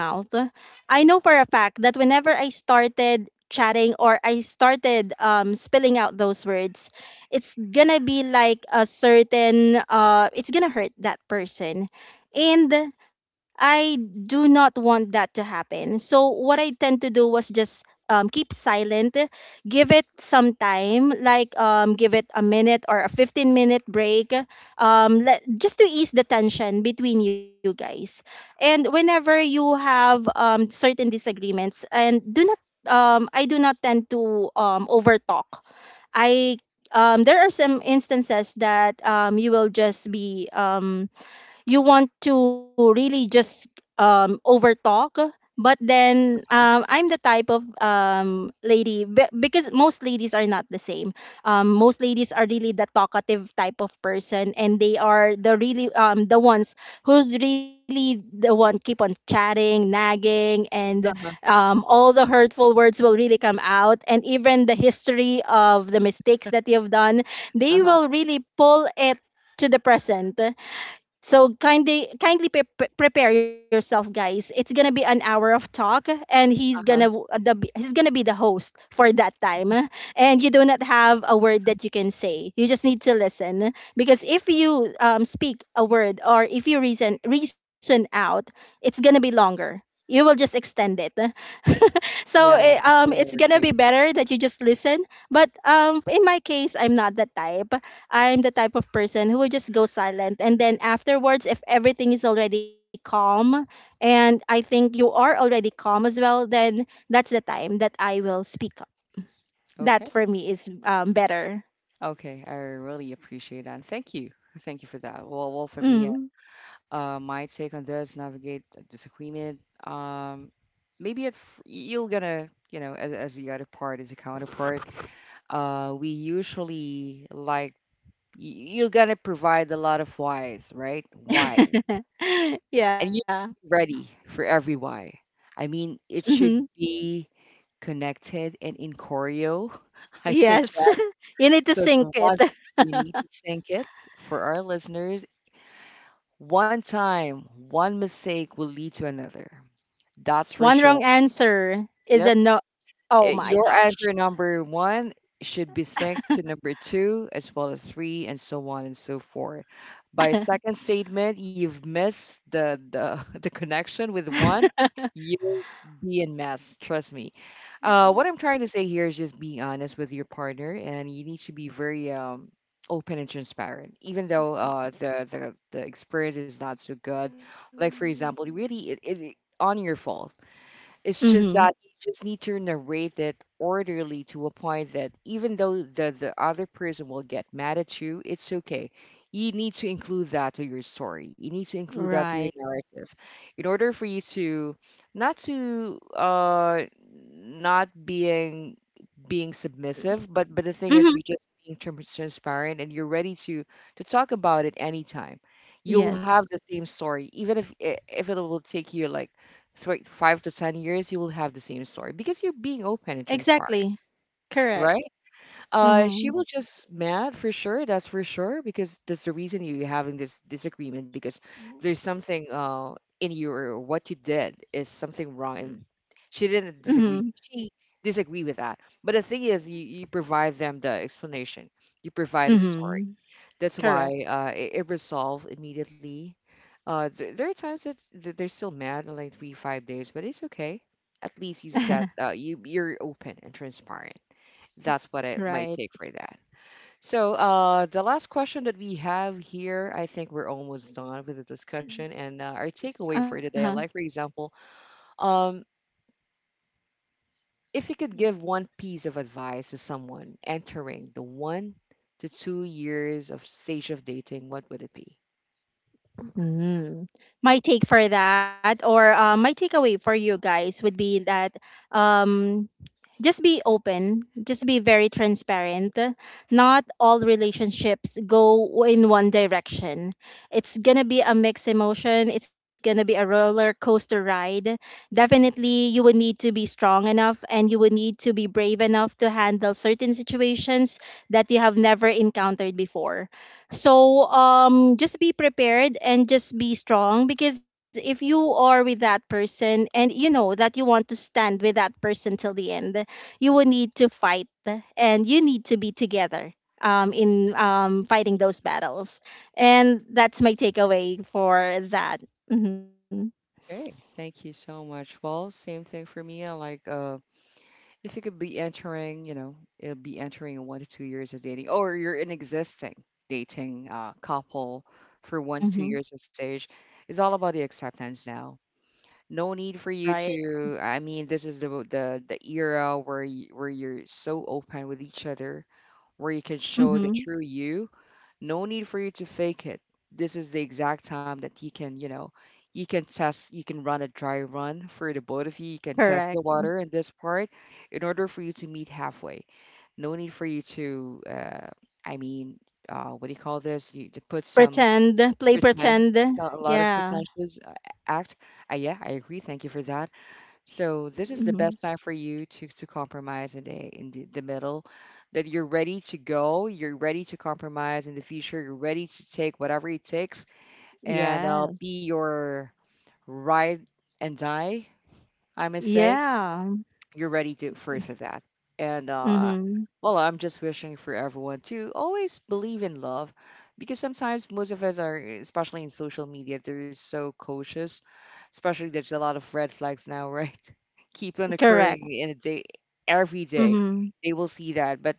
[SPEAKER 2] I know for a fact that whenever I started chatting or I started spilling out those words, it's gonna be like a certain it's gonna hurt that person, and I do not want that to happen. So what I tend to do was just keep silent, give it some time, like give it a minute or a 15-minute break, just to ease the tension between you guys. And whenever you have certain disagreements, and do not I do not tend to overtalk. I There are some instances that you will just be you want to really just overtalk. But then
[SPEAKER 1] Uh huh.
[SPEAKER 2] I'm the type of lady because most ladies are not the same. Most ladies are really the talkative type of person, and they are the really the ones who's really the one keep on chatting, nagging, and all the hurtful words will really come out, and even the history of the mistakes that you've done,
[SPEAKER 1] Uh
[SPEAKER 2] they
[SPEAKER 1] huh.
[SPEAKER 2] will really pull it to the present. So kindly prepare yourself, guys. It's going to be an hour of talk, and
[SPEAKER 1] Uh huh.
[SPEAKER 2] he's going to be the host for that time, and you do not have a word that you can say. You just need to listen, because if you speak a word or if you reason out, it's going to be longer. You will just extend it. so
[SPEAKER 1] Yeah,
[SPEAKER 2] eh,
[SPEAKER 1] I
[SPEAKER 2] um, it's
[SPEAKER 1] totally
[SPEAKER 2] gonna be
[SPEAKER 1] agree.
[SPEAKER 2] better that you just listen. But in my case, I'm not that type. I'm the type of person who will just go silent. And then afterwards, if everything is already calm, and I think you are already calm as well, then that's the time that I will speak up. That
[SPEAKER 1] Okay.
[SPEAKER 2] for me is better.
[SPEAKER 1] Okay, I really appreciate that. Thank you. Thank you for that. Well, for me,
[SPEAKER 2] Mm.
[SPEAKER 1] my take on this, navigate a disagreement. Maybe you're gonna, as the other part, as a counterpart, we usually like y- you're gonna provide a lot of whys, right? Why, and
[SPEAKER 2] yeah.
[SPEAKER 1] you should be ready for every why. I mean, it
[SPEAKER 2] Hmm.
[SPEAKER 1] should be connected and in choreo. I suggest
[SPEAKER 2] Yes. you need to
[SPEAKER 1] because
[SPEAKER 2] sink it.
[SPEAKER 1] once you need to sync it for our listeners, one time, one mistake will lead to another. That's
[SPEAKER 2] One
[SPEAKER 1] for
[SPEAKER 2] wrong
[SPEAKER 1] sure.
[SPEAKER 2] answer is a
[SPEAKER 1] Yep.
[SPEAKER 2] no. Oh my
[SPEAKER 1] Your
[SPEAKER 2] gosh.
[SPEAKER 1] answer number one should be synced to number two as well as three and so on and so forth. By second statement, you've missed the connection with one, you'll be in mess, trust me. What I'm trying to say here is just being honest with your partner and you need to be very open and transparent, even though the experience is not so good, like for example really it on your fault. It's
[SPEAKER 2] mm-hmm.
[SPEAKER 1] just that you just need to narrate it orderly to a point that, even though the other person will get mad at you, it's okay. You need to include that to your story. You need to include that to your
[SPEAKER 2] Right.
[SPEAKER 1] narrative in order for you to not being submissive, but the thing is
[SPEAKER 2] Mm-hmm.
[SPEAKER 1] you're just being transparent and you're ready to talk about it anytime. You'll have the
[SPEAKER 2] Yes.
[SPEAKER 1] same story, even if if it will take you like 3, 5 to 10 years, you will have the same story because you're being open and transparent,
[SPEAKER 2] Exactly. Correct.
[SPEAKER 1] right? She
[SPEAKER 2] Mhm.
[SPEAKER 1] will just mad for sure. That's for sure, because that's the reason you're having this disagreement, because there's something in your what you did is something
[SPEAKER 2] Mm.
[SPEAKER 1] wrong, and she didn't
[SPEAKER 2] Mhm.
[SPEAKER 1] disagree. She disagree with that. But the thing is, you provide them the explanation. You provide a story.
[SPEAKER 2] Mhm.
[SPEAKER 1] That's why
[SPEAKER 2] Correct.
[SPEAKER 1] it resolved immediately. There are times that they're still mad in like 3, 5 days, but it's okay. At least you said you're open and transparent. That's what I might
[SPEAKER 2] right.
[SPEAKER 1] take for that. So the last question that we have here, I think we're almost done with the discussion and our takeaway for
[SPEAKER 2] Uh-huh.
[SPEAKER 1] today. Like for example, um, if you could give one piece of advice to someone entering the 1 to 2 years of stage of dating, what would it be?
[SPEAKER 2] Mm. My take for that, or my takeaway for you guys would be that um just be open, just be very transparent. Not all relationships go in one direction. It's gonna be a mixed emotion, it's gonna be a roller coaster ride. Definitely you would need to be strong enough, and you would need to be brave enough to handle certain situations that you have never encountered before. So just be prepared and just be strong, because if you are with that person and you know that you want to stand with that person till the end, you will need to fight, and you need to be together in fighting those battles. And that's my takeaway for that. Hmm.
[SPEAKER 1] Okay, thank you so much. Well, same thing for me. I like if you could be entering, it'll be entering 1 to 2 years of dating, or you're an existing dating couple for one to two
[SPEAKER 2] Hmm.
[SPEAKER 1] years of stage, it's all about the acceptance now. No need for
[SPEAKER 2] Right.
[SPEAKER 1] you to. I mean, this is the era where where you're so open with each other, where you can show the
[SPEAKER 2] Hmm.
[SPEAKER 1] true you. No need for you to fake it. This is the exact time that you can test, you can run a dry run for the both of you. You can
[SPEAKER 2] Correct.
[SPEAKER 1] test the water in this part in order for you to meet halfway. No need for you to, I mean, what do you call this? You to put some
[SPEAKER 2] Pretend, play
[SPEAKER 1] pretend,
[SPEAKER 2] pretend.
[SPEAKER 1] so a lot of
[SPEAKER 2] Yeah.
[SPEAKER 1] pretentious act. Yeah, I agree. Thank you for that. So this is
[SPEAKER 2] Hmm.
[SPEAKER 1] the best time for you to compromise in the middle, that you're ready to go, you're ready to compromise in the future, you're ready to take whatever it takes and be
[SPEAKER 2] Yes.
[SPEAKER 1] your ride and die, I must say
[SPEAKER 2] Yeah.
[SPEAKER 1] you're ready to for that. And
[SPEAKER 2] Mm-hmm.
[SPEAKER 1] well, I'm just wishing for everyone to always believe in love, because sometimes most of us are, especially in social media, they're so cautious. Especially there's a lot of red flags now, right? Keep on
[SPEAKER 2] Correct.
[SPEAKER 1] occurring in a day, every day.
[SPEAKER 2] Mm-hmm.
[SPEAKER 1] They will see that, but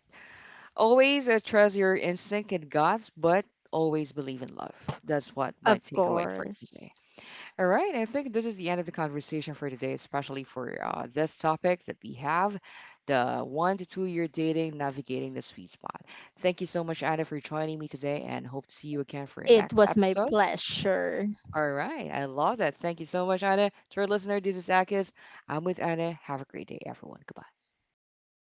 [SPEAKER 1] always trust your instinct and guts, but always believe in love. That's what my
[SPEAKER 2] Of
[SPEAKER 1] takeaway for today.
[SPEAKER 2] course.
[SPEAKER 1] All right, I think this is the end of the conversation for today, especially for this topic that we have the 1 to 2 year dating, navigating the sweet spot. Thank you so much, Anna, for joining me today and hope to see you again for the
[SPEAKER 2] It
[SPEAKER 1] next
[SPEAKER 2] was my
[SPEAKER 1] episode.
[SPEAKER 2] pleasure.
[SPEAKER 1] All right, I love that. Thank you so much, Anna. To our listener, this is Akis. I'm with Anna. Have a great day, everyone. Goodbye.